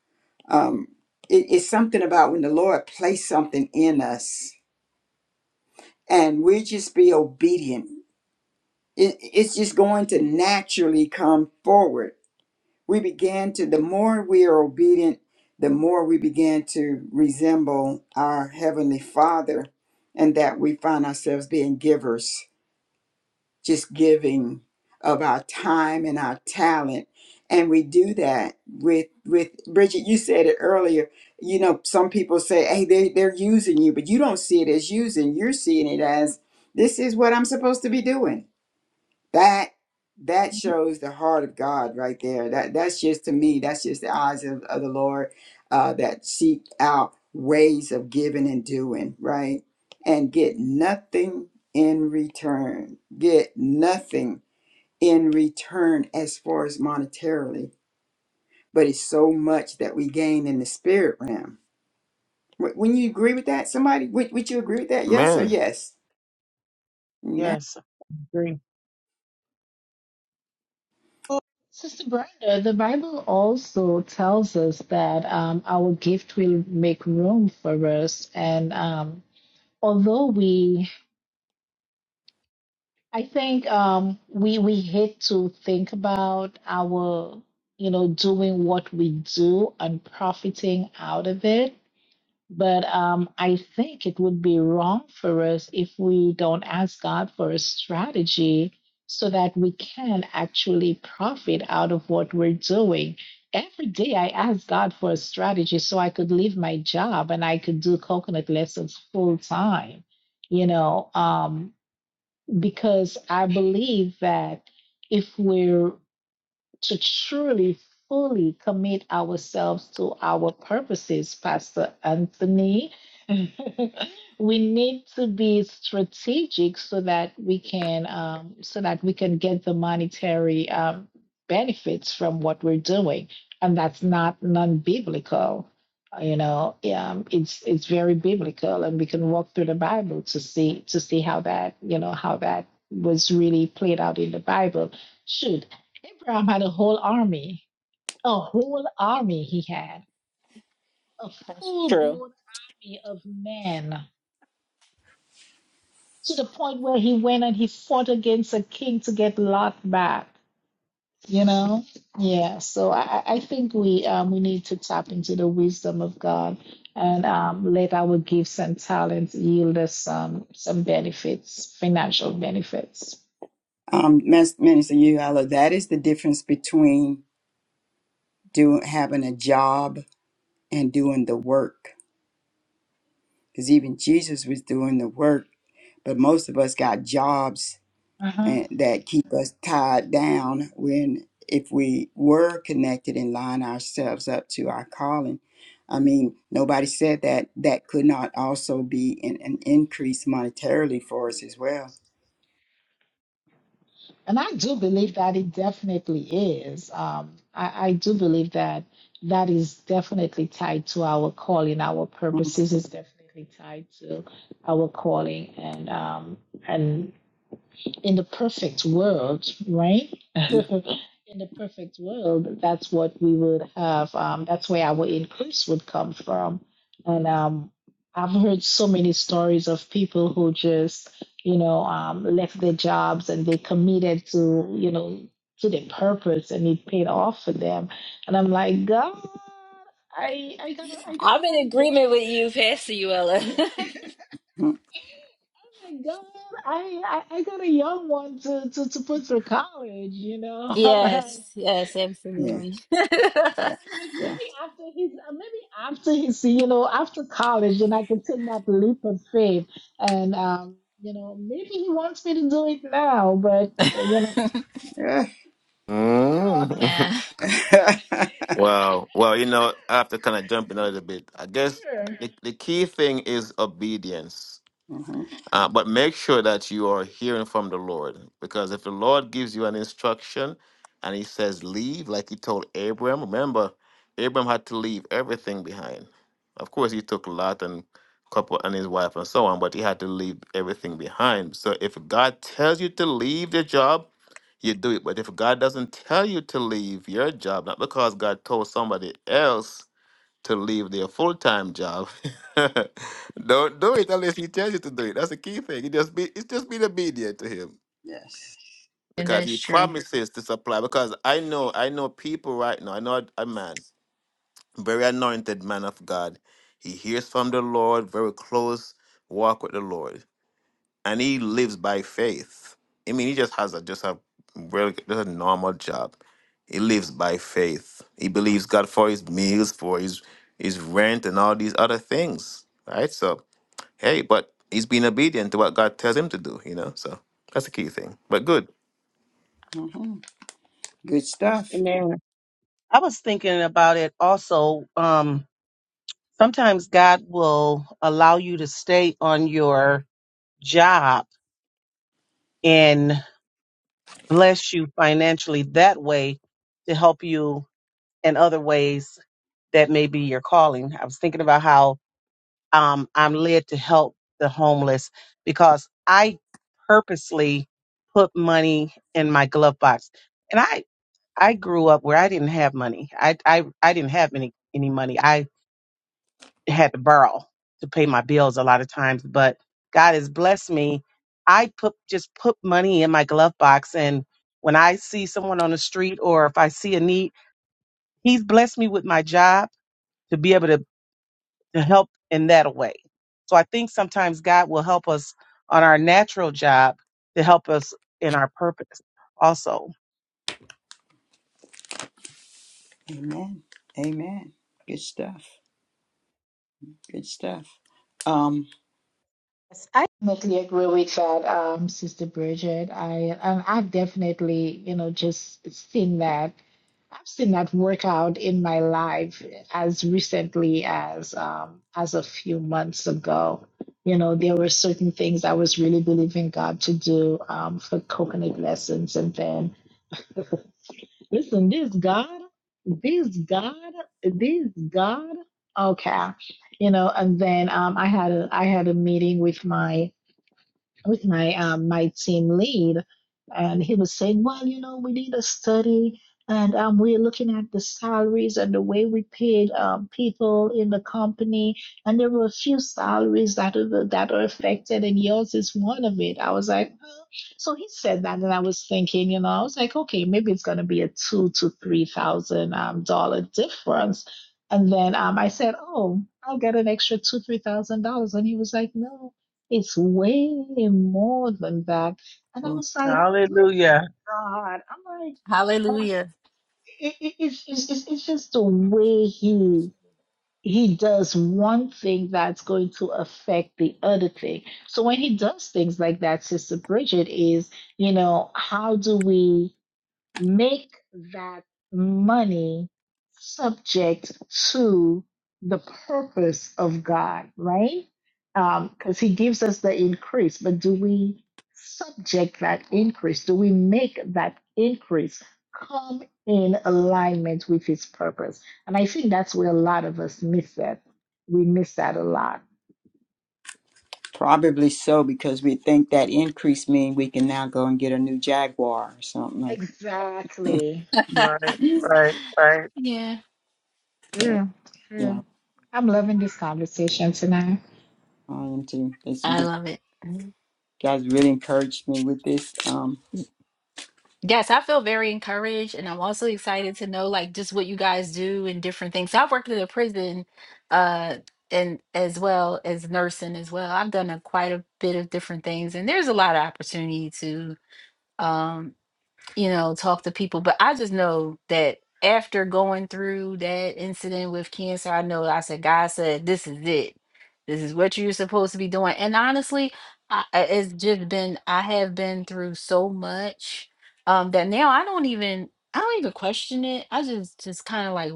A: Um, it- it's something about when the Lord placed something in us and we just be obedient. It, it's just going to naturally come forward. We began to, the more we are obedient, the more we begin to resemble our Heavenly Father and that we find ourselves being givers just giving of our time and our talent and we do that with with bridget you said it earlier you know some people say hey they, they're using you but you don't see it as using you're seeing it as this is what i'm supposed to be doing that that shows the heart of God right there. That that's just to me, that's just the eyes of, of the Lord uh, that seek out ways of giving and doing, right? And get nothing in return. Get nothing in return as far as monetarily, but it's so much that we gain in the spirit realm. Wou- Wouldn't you agree with that? Somebody, would, would you agree with that? Yes or
E: Man.
A: yes? Amen.
B: yes. Agree.
C: Oh, Sister Brenda, the Bible also tells us that um, our gift will make room for us, and um, although we, I think um, we we hate to think about our, you know, doing what we do and profiting out of it But um, I think it would be wrong for us if we don't ask God for a strategy so that we can actually profit out of what we're doing. Every day I ask God for a strategy so I could leave my job and I could do coconut lessons full time, you know, um, because I believe that if we're to truly, fully commit ourselves to our purposes, Pastor Anthony. we need to be strategic so that we can um, so that we can get the monetary um, benefits from what we're doing, and that's not non-biblical. You know, um, it's it's very biblical, and we can walk through the Bible to see to see how that you know how that was really played out in the Bible. Shoot, Abraham had a whole army, a whole army he had, a
F: That's
C: full
F: true.
C: blown army of men to the point where he went and he fought against a king to get Lot back. You know, yeah. So I, I I think we um, we need to tap into the wisdom of God and um, let our gifts and talents yield us some some benefits, financial benefits.
A: Um, Mas- Minister, you, that is the difference between doing having a job and doing the work because even jesus was doing the work but most of us got jobs
C: Uh huh.
A: and that keep us tied down when if we were connected and line ourselves up to our calling i mean nobody said that that could not also be an, an increase monetarily for us as well
C: And I do believe that it definitely is. Um, I, I do believe that that is definitely tied to our calling. Our
A: Mhm,
C: purposes is definitely tied to our calling, and um, and in the perfect world, right? in the perfect world, that's what we would have. Um, that's where our increase would come from. And um, I've heard so many stories of people who just, you know, um, left their jobs and they committed to, you know, to their purpose and it paid off for them. And I'm like, God, I, I got a, I got, I got a young one.
F: Yes, you, Ella.
A: mhm.
C: my God, I, I I got a young one to, to, to put through college, you know. I'm like,
F: Yes,
C: I'm
F: yes,
A: yeah
F: absolutely.
C: like
A: yeah
C: maybe after his uh, maybe after his you know after college, and I can take that leap of faith, and um you know maybe he wants me to do it now, but you know
A: yeah
C: no,
E: Mm.
F: yeah,
E: wow. Well, you know, I have to kind of jump in a little bit. I guess
C: sure.
E: the, the key thing is obedience.
A: Mhm.
E: Uh, but make sure that you are hearing from the Lord, because if the Lord gives you an instruction and He says leave, like He told Abram, remember Abram had to leave everything behind. Of course, he took Lot and couple and his wife and so on, but he had to leave everything behind. So if God tells you to leave the job, you do it. But if God doesn't tell you to leave your job, not because God told somebody else, to leave their full time job. Don't do it unless he tells you to do it. That's the key thing. It just be it's just being obedient to him
A: yes
F: and
E: because he
F: that's true.
E: promises to supply. Because I know I know people right now. I know a a man, very anointed man of God. He hears from the Lord, very close walk with the Lord and he lives by faith. I mean, he just has a just a really just a normal job. He lives by faith. He believes God for his meals, for his his rent, and all these other things. Right? So hey, but he's being obedient to what God tells him to do. You know, so that's the key thing. But good.
A: Mhm. good stuff
B: Amen. I was thinking about it also. Um, sometimes God will allow you to stay on your job and bless you financially that way to help you in other ways that may be your calling. I was thinking about how um, I'm led to help the homeless because I purposely put money in my glove box. And I I grew up where I didn't have money. I I I didn't have any any money. I had to borrow to pay my bills a lot of times, but God has blessed me. I put just put money in my glove box and when I see someone on the street or if I see a need, he's blessed me with my job to be able to, to help in that way. So I think sometimes God will help us on our natural job to help us in our purpose also.
A: Amen. Amen. Good stuff. Good stuff. Um,
C: Yes, I Definitely agree with that, um, Sister Bridget. I and I've definitely you know just seen that I've seen that work out in my life as recently as um, as a few months ago. You know, there were certain things I was really believing God to do um, for coconut lessons, and then listen, this God, this God, this God. Okay, you know, and then um, I had a, I had a meeting with my with my um, my team lead, and he was saying, "Well, you know, we need a study, and um, we're looking at the salaries and the way we paid um, people in the company, and there were a few salaries that are that are affected, and yours is one of it." I was like, "Huh?" so he said that, and I was thinking, you know, I was like, okay, maybe it's going to be a two to three thousand um, dollar difference. And then um, I said, "Oh, I'll get an extra two, three thousand dollars." And he was like, "No, it's way more than that. And I
A: well,
C: was like, look at
B: Hallelujah.
C: God. I'm like, and
F: Hallelujah.
C: it, it, it's, it's, it's it's just the way he he does one thing that's going to affect the other thing. So when he does things like that, Sister Bridget is, you know, how do we? make that money subject to the purpose of God, right? Because He gives us the increase, but do we subject that increase? Do we make that increase come in alignment with His purpose? And I think that's where a lot of us miss that. We miss that a lot.
A: probably so because we think that increase mean we can now go and get a new Jaguar or something like
C: Exactly.
B: Right,
A: that.
B: right, right.
F: Yeah,
C: Yeah,
A: Yeah.
C: true. I'm loving this conversation tonight.
A: I am too. This
F: I
A: you
F: love it.
A: guys really encouraged me with this. Um,
F: Yes, I feel very encouraged, and I'm also excited to know like just what you guys do and different things. So I've worked in a prison, uh, and as well as nursing as well. I've done a, quite a bit of different things, and there's a lot of opportunity to. um you know, talk to people. But I just know that after going through that incident with cancer, I know I said, God said, this is it. This is what you're supposed to be doing. And honestly, I, I- it's just been, I have been through so much um, that now I don't even, I don't even question it. I just, just kind of like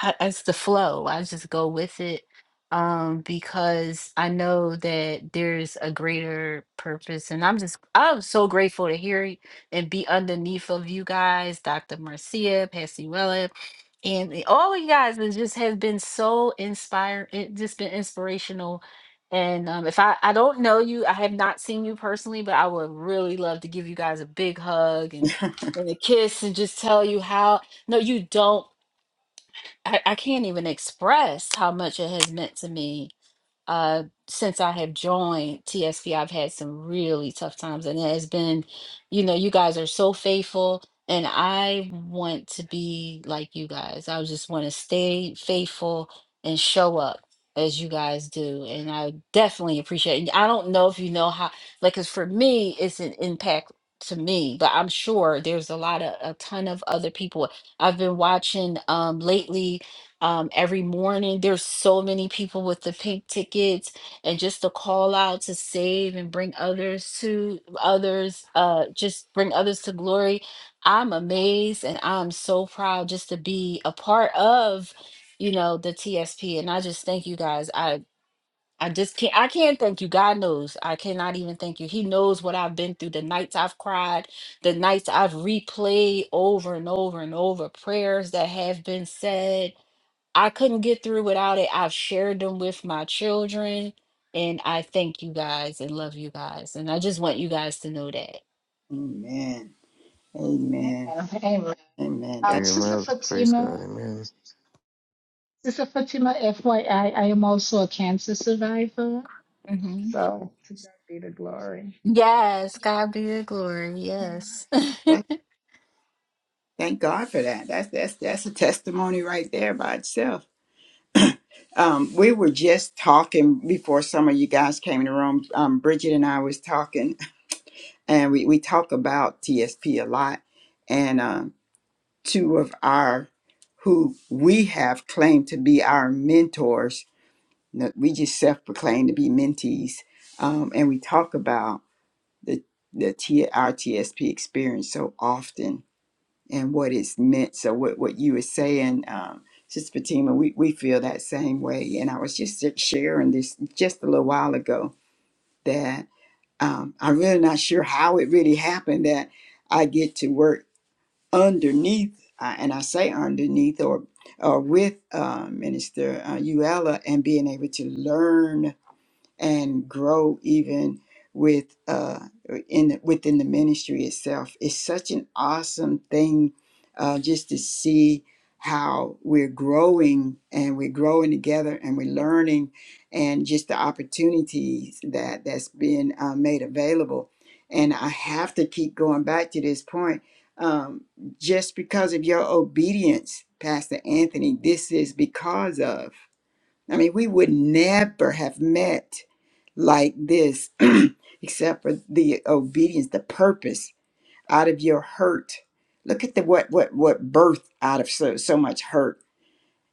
F: I- it's the flow. I just go with it um because I know that there's a greater purpose and I'm just I'm so grateful to hear y- and be underneath of you guys, Dr. Marcia, Pastor Wella, and the- all of you guys has just have been so inspired it just been inspirational. And um, if I, I don't know you, I have not seen you personally, but I would really love to give you guys a big hug and, and a kiss and just tell you how no, you don't I, I can't even express how much it has meant to me. Uh, since I have joined TSP, I've had some really tough times, and it has been, you know, you guys are so faithful, and I want to be like you guys. I just want to stay faithful and show up as you guys do, and I definitely appreciate it. And I don't know if you know how, like, because for me, it's an impact to me, but I'm sure there's a lot of a ton of other people. I've been watching um lately um, every morning. There's so many people with the pink tickets, and just the call out to save and bring others to others, uh, just bring others to glory. I'm amazed and I'm so proud just to be a part of, you know, the TSP. And I just thank you guys. I I just can't I can't thank you. God knows. I cannot even thank you. He knows what I've been through, the nights I've cried, the nights I've replayed over and over and over, prayers that have been said I couldn't get through without it. I've shared them with my children, and I thank you guys and love you guys. And I just want you guys to know that.
A: amen. Amen.
C: Yeah, Amen.
A: Amen.
C: Um,
A: That,
C: Sister
E: Amen. Praise
C: Fatima,
E: God. Amen.
C: Sister Fatima, FYI, I I am also a cancer survivor.
F: hmm
C: So to God be the glory.
F: Yes, God be the glory. Yes.
A: that thank God for that. That's that's that's a testimony right there by itself. Um, we were just talking before some of you guys came in the room. Um, Bridget and I was talking and we, we talk about TSP a lot. And um, two of our who we have claimed to be our mentors, that we just self-proclaim to be mentees, um, and we talk about the the T, our TSP experience so often and what it's meant. So what what you were saying. Um, Sister Fatima, we, we feel that same way. And I was just sharing this just a little while ago that um, I'm really not sure how it really happened that I get to work underneath, uh, and I say underneath or or with uh, Minister uh, Uella and being able to learn and grow even with uh in the, within the ministry itself it's such an awesome thing uh just to see how we're growing and we're growing together and we're learning and just the opportunities that that's being uh, made available and i have to keep going back to this point um, just because of your obedience pastor anthony this is because of I mean, we would never have met like this except for the obedience, the purpose out of your hurt. Look at the what what what birth out of so so much hurt.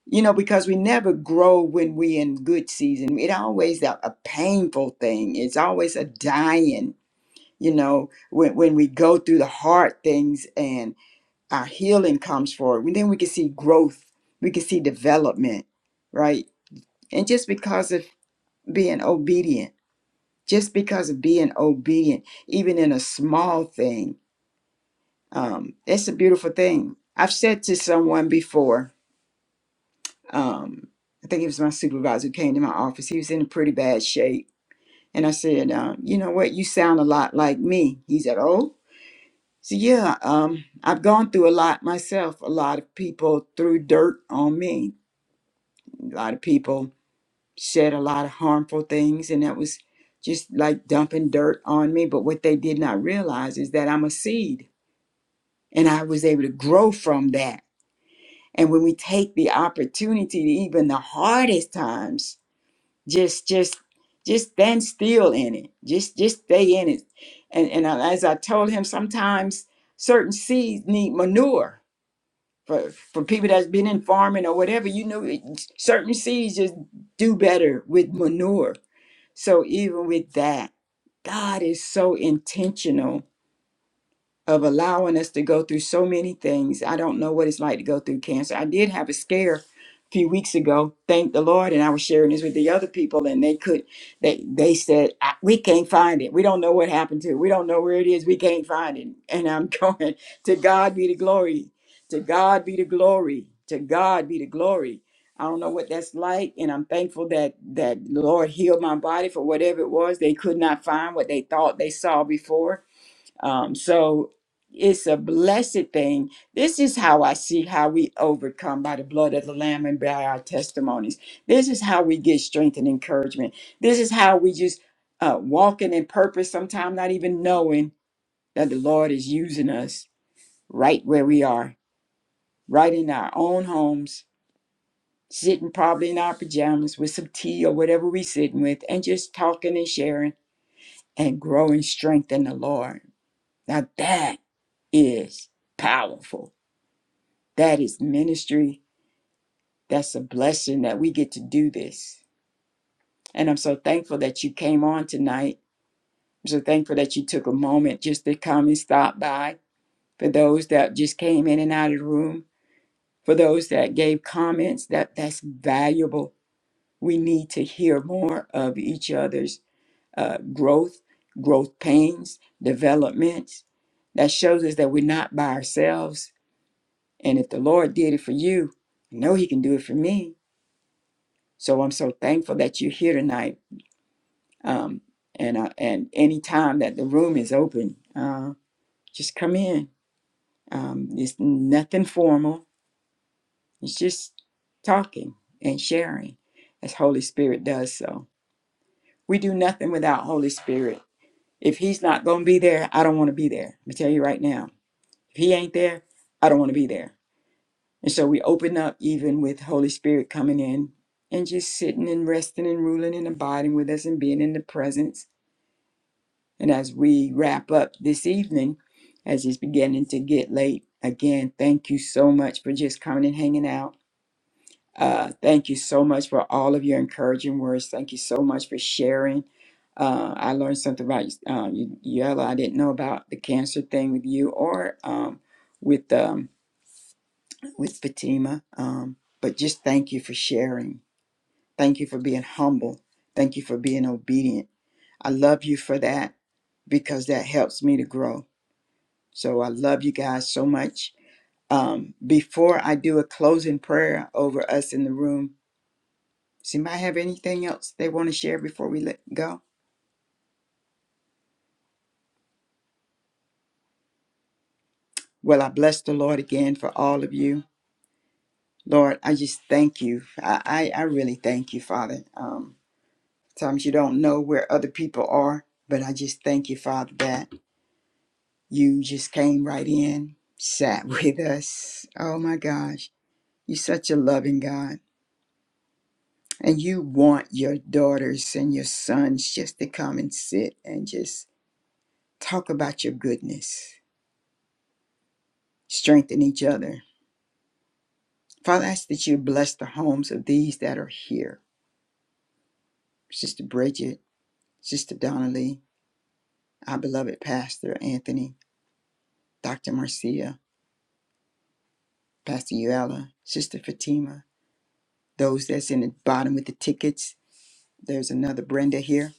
A: You know, because we never grow when we in good season. It always a, a painful thing. It's always a dying. You know, when when we go through the hard things and our healing comes forward, then we can see growth. We can see development, right? And just because of being obedient just because of being obedient even in a small thing um that's a beautiful thing i've said to someone before um i think it was my supervisor who came to my office he was in pretty bad shape and i said uh, you know what you sound a lot like me he said oh so yeah um i've gone through a lot myself a lot of people threw dirt on me a lot of people said a lot of harmful things and that was just like dumping dirt on me but what they did not realize is that i'm a seed and i was able to grow from that and when we take the opportunity to even the hardest times just just just stand still in it just just stay in it and and as i told him sometimes certain seeds need manure for for people that's been in farming or whatever you know certain seeds just do better with manure so even with that, God is so intentional of allowing us to go through so many things. I don't know what it's like to go through cancer. I did have a scare a few weeks ago. Thank the Lord, and I was sharing this with the other people, and they could they they said "I- we can't find it. We don't know what happened to. it. We don't know where it is. We can't find it. And I'm going to God be the glory. To God be the glory. To God be the glory. I don't know what that's like, and I'm thankful that that the Lord healed my body for whatever it was they could not find what they thought they saw before um, so it's a blessed thing. This is how I see how we overcome by the blood of the Lamb and by our testimonies. This is how we get strength and encouragement. This is how we just uh, walking in purpose, sometimes not even knowing that the Lord is using us right where we are, right in our own homes, sitting probably in our pajamas with some tea or whatever we sitting with, and just talking and sharing and growing strength in the Lord. Now that is powerful. That is ministry. That's a blessing that we get to do this. And I'm so thankful that you came on tonight. I'm so thankful that you took a moment just to come and stop by. For those that just came in and out of the room, for those that gave comments, that that's valuable. We need to hear more of each other's uh, growth, growth pains, developments. That shows us that we're not by ourselves And if the Lord did it for you, I know He can do it for me. So I'm so thankful that you're here tonight. Um, and uh, and any time that the room is open, uh, just come in. Um, it's nothing formal. It's just talking and sharing, as Holy Spirit does. So we do nothing without Holy Spirit. If He's not going to be there, I don't want to be there. I'm gonna tell you right now. If He ain't there, I don't want to be there. And so we open up even with Holy Spirit coming in and just sitting and resting and ruling and abiding with us and being in the presence. And as we wrap up this evening, as it's beginning to get late, again, thank you so much for just coming and hanging out. Uh, thank you so much for all of your encouraging words. Thank you so much for sharing. Uh, I learned something about you, uh, you, Yella. I didn't know about the cancer thing with you or um, with. Um, with Fatima. Um, but just thank you for sharing. Thank you for being humble. Thank you for being obedient. I love you for that because that helps me to grow. So I love you guys so much. Um, before I do a closing prayer over us in the room, does anybody have anything else they want to share before we let go? Well, I bless the Lord again for all of you. Lord, I just thank you. I, I, I really thank you, Father. Um, Sometimes you don't know where other people are, but I just thank you, Father, that you just came right in, sat with us. Oh my gosh, you're such a loving God. And you want your daughters and your sons just to come and sit and just talk about your goodness, strengthen each other. Father, I ask that you bless the homes of these that are here Sister Bridget, Sister Donnelly, our beloved Pastor Anthony, Dr. Marcia, Pastor Uella, Sister Fatima. those that's in the bottom with the tickets. There's another Brenda here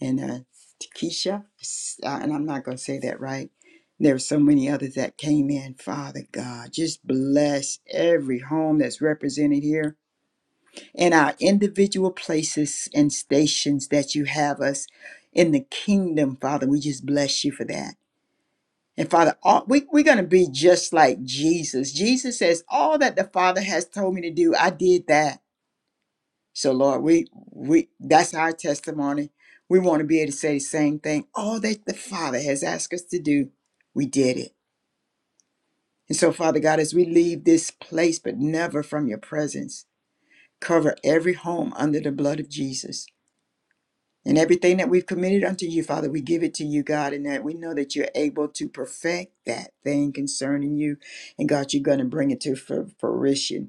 A: and uh, Takesha, S- uh, and I'm not going to say that right. There were so many others that came in. Father God, just bless every home that's represented here and our individual places and stations that you have us in the kingdom, Father. We just bless you for that. And Father, all, we, we're going to be just like Jesus. Jesus says, All that the Father has told me to do, I did that. So Lord, we we that's our testimony. We want to be able to say the same thing. All that the Father has asked us to do, we did it. And so, Father God, as we leave this place, but never from your presence, cover every home under the blood of Jesus. And everything that we've committed unto you, Father, we give it to you, God, and that we know that you're able to perfect that thing concerning you. And God, you're going to bring it to fu- fruition.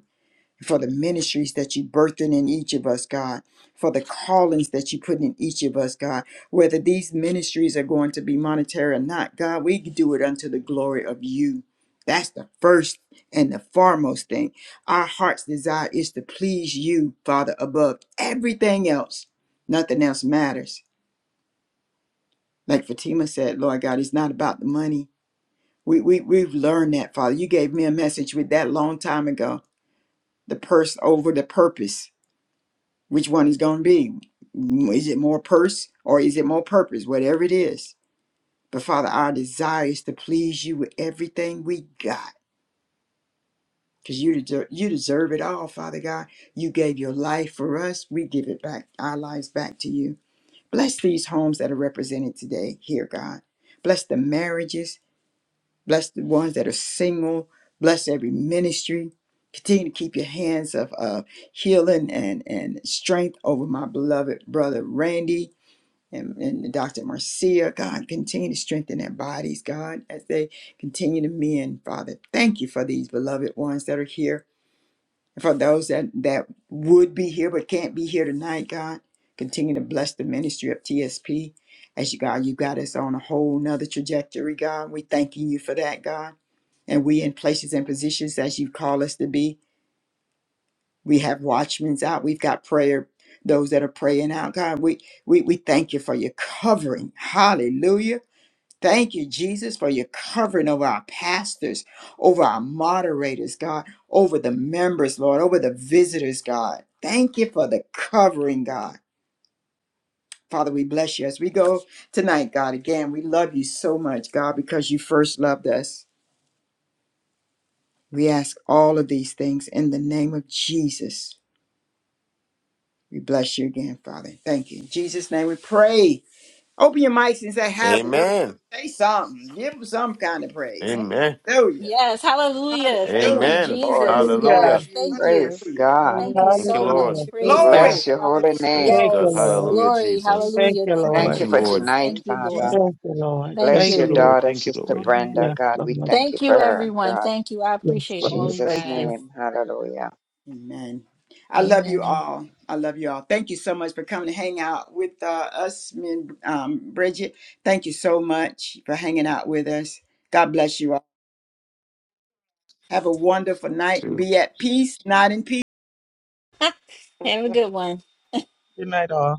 A: for the ministries that you birthing in each of us, God, for the callings that you put in each of us, God, whether these ministries are going to be monetary or not, God, we do it unto the glory of you. That's the first and the foremost thing. Our heart's desire is to please you, Father, above everything else. Nothing else matters. Like Fatima said, Lord God, it's not about the money. We, we, we've learned that, Father. You gave me a message with that long time ago, the purse over the purpose which one is going to be. Is it more purse or is it more purpose? Whatever it is. But Father, our desire is to please you with everything we got because you, deserve you deserve it all, Father God. You gave your life for us. We give it back, our lives back to you. Bless these homes that are represented today here, God. Bless the marriages. Bless the ones that are single. Bless every ministry. Continue to keep your hands of, of healing and, and strength over my beloved brother Randy and, and Dr. Marcia, God, continue to strengthen their bodies, God, as they continue to mend, Father. Thank you for these beloved ones that are here. And for those that, that would be here but can't be here tonight, God, continue to bless the ministry of TSP. As you, God, you got us on a whole nother trajectory, God. We thanking you for that, God. And we in places and positions as you call us to be. We have watchmen's out. We've got prayer, those that are praying out. God, we, we, we thank you for your covering. Hallelujah. Thank you, Jesus, for your covering over our pastors, over our moderators, God, over the members, Lord, over the visitors, God. Thank you for the covering, God. Father, we bless you as we go tonight, God. Again, we love you so much, God, because you first loved us. We ask all of these things in the name of Jesus. We bless you again, Father. Thank you. In Jesus' name we pray. Open your mics and say hallelujah.
E: Amen.
A: Say something. Give them some kind of praise.
C: Thank
E: Amen.
A: Hallelujah.
F: yes. Hallelujah.
D: So
F: Thank you,
A: Hallelujah.
D: Thank
E: Amen.
D: you,
A: Thank
D: Lord.
F: Jesus.
A: you.
C: you,
B: Hallelujah.
E: Hallelujah.
F: Yes.
A: Jesus.
F: Thank
C: Jesus.
F: you.
D: Praise
A: Hallelujah.
D: God.
F: Thank you
C: Hallelujah.
E: Thank you,
F: so
A: God
E: Lord.
B: Hallelujah.
F: much.
A: be the
B: Thank
F: Praise
B: you.
F: God.
D: Bless
A: Glory.
D: your
A: Hallelujah.
D: holy
E: Praise
D: name.
B: Thank you,
E: God.
F: Yes.
B: Lord.
E: Hallelujah,
F: Glory.
A: Jesus.
E: Jesus.
B: Thank
F: Hallelujah.
B: you,
A: Thank
F: Thank you,
E: Thank
D: Thank
B: Lord.
A: you.
D: you
E: you,
D: for
F: Jesus.
E: Lord.
D: tonight,
F: Thank
A: Thank
F: you,
A: you, Jesus.
D: Father.
F: Lord.
B: Thank you, Lord.
F: Thank
D: Bless
B: Thank
D: your
F: you.
B: you.
D: daughter, Sister
F: hmm
D: Brenda.
B: Yes,
D: God, we
B: Lord.
D: thank you
F: Thank
D: for
F: you,
D: her,
F: everyone.
D: God. In
F: Thank you. I
B: Yes,
F: appreciate all
B: Lord.
F: you
B: Thank
D: Jesus'
B: you.
F: guys.
D: name. Hallelujah.
A: Amen. I love you
F: Amen.
A: all. I love you all. Thank you so much for coming to hang out with uh, us, me and um, Bridget. Thank you so much for hanging out with us. God bless you all. Have a wonderful night.
E: Forty-two.
A: Be at peace, not in peace.
F: Have a good one.
B: Good night, all.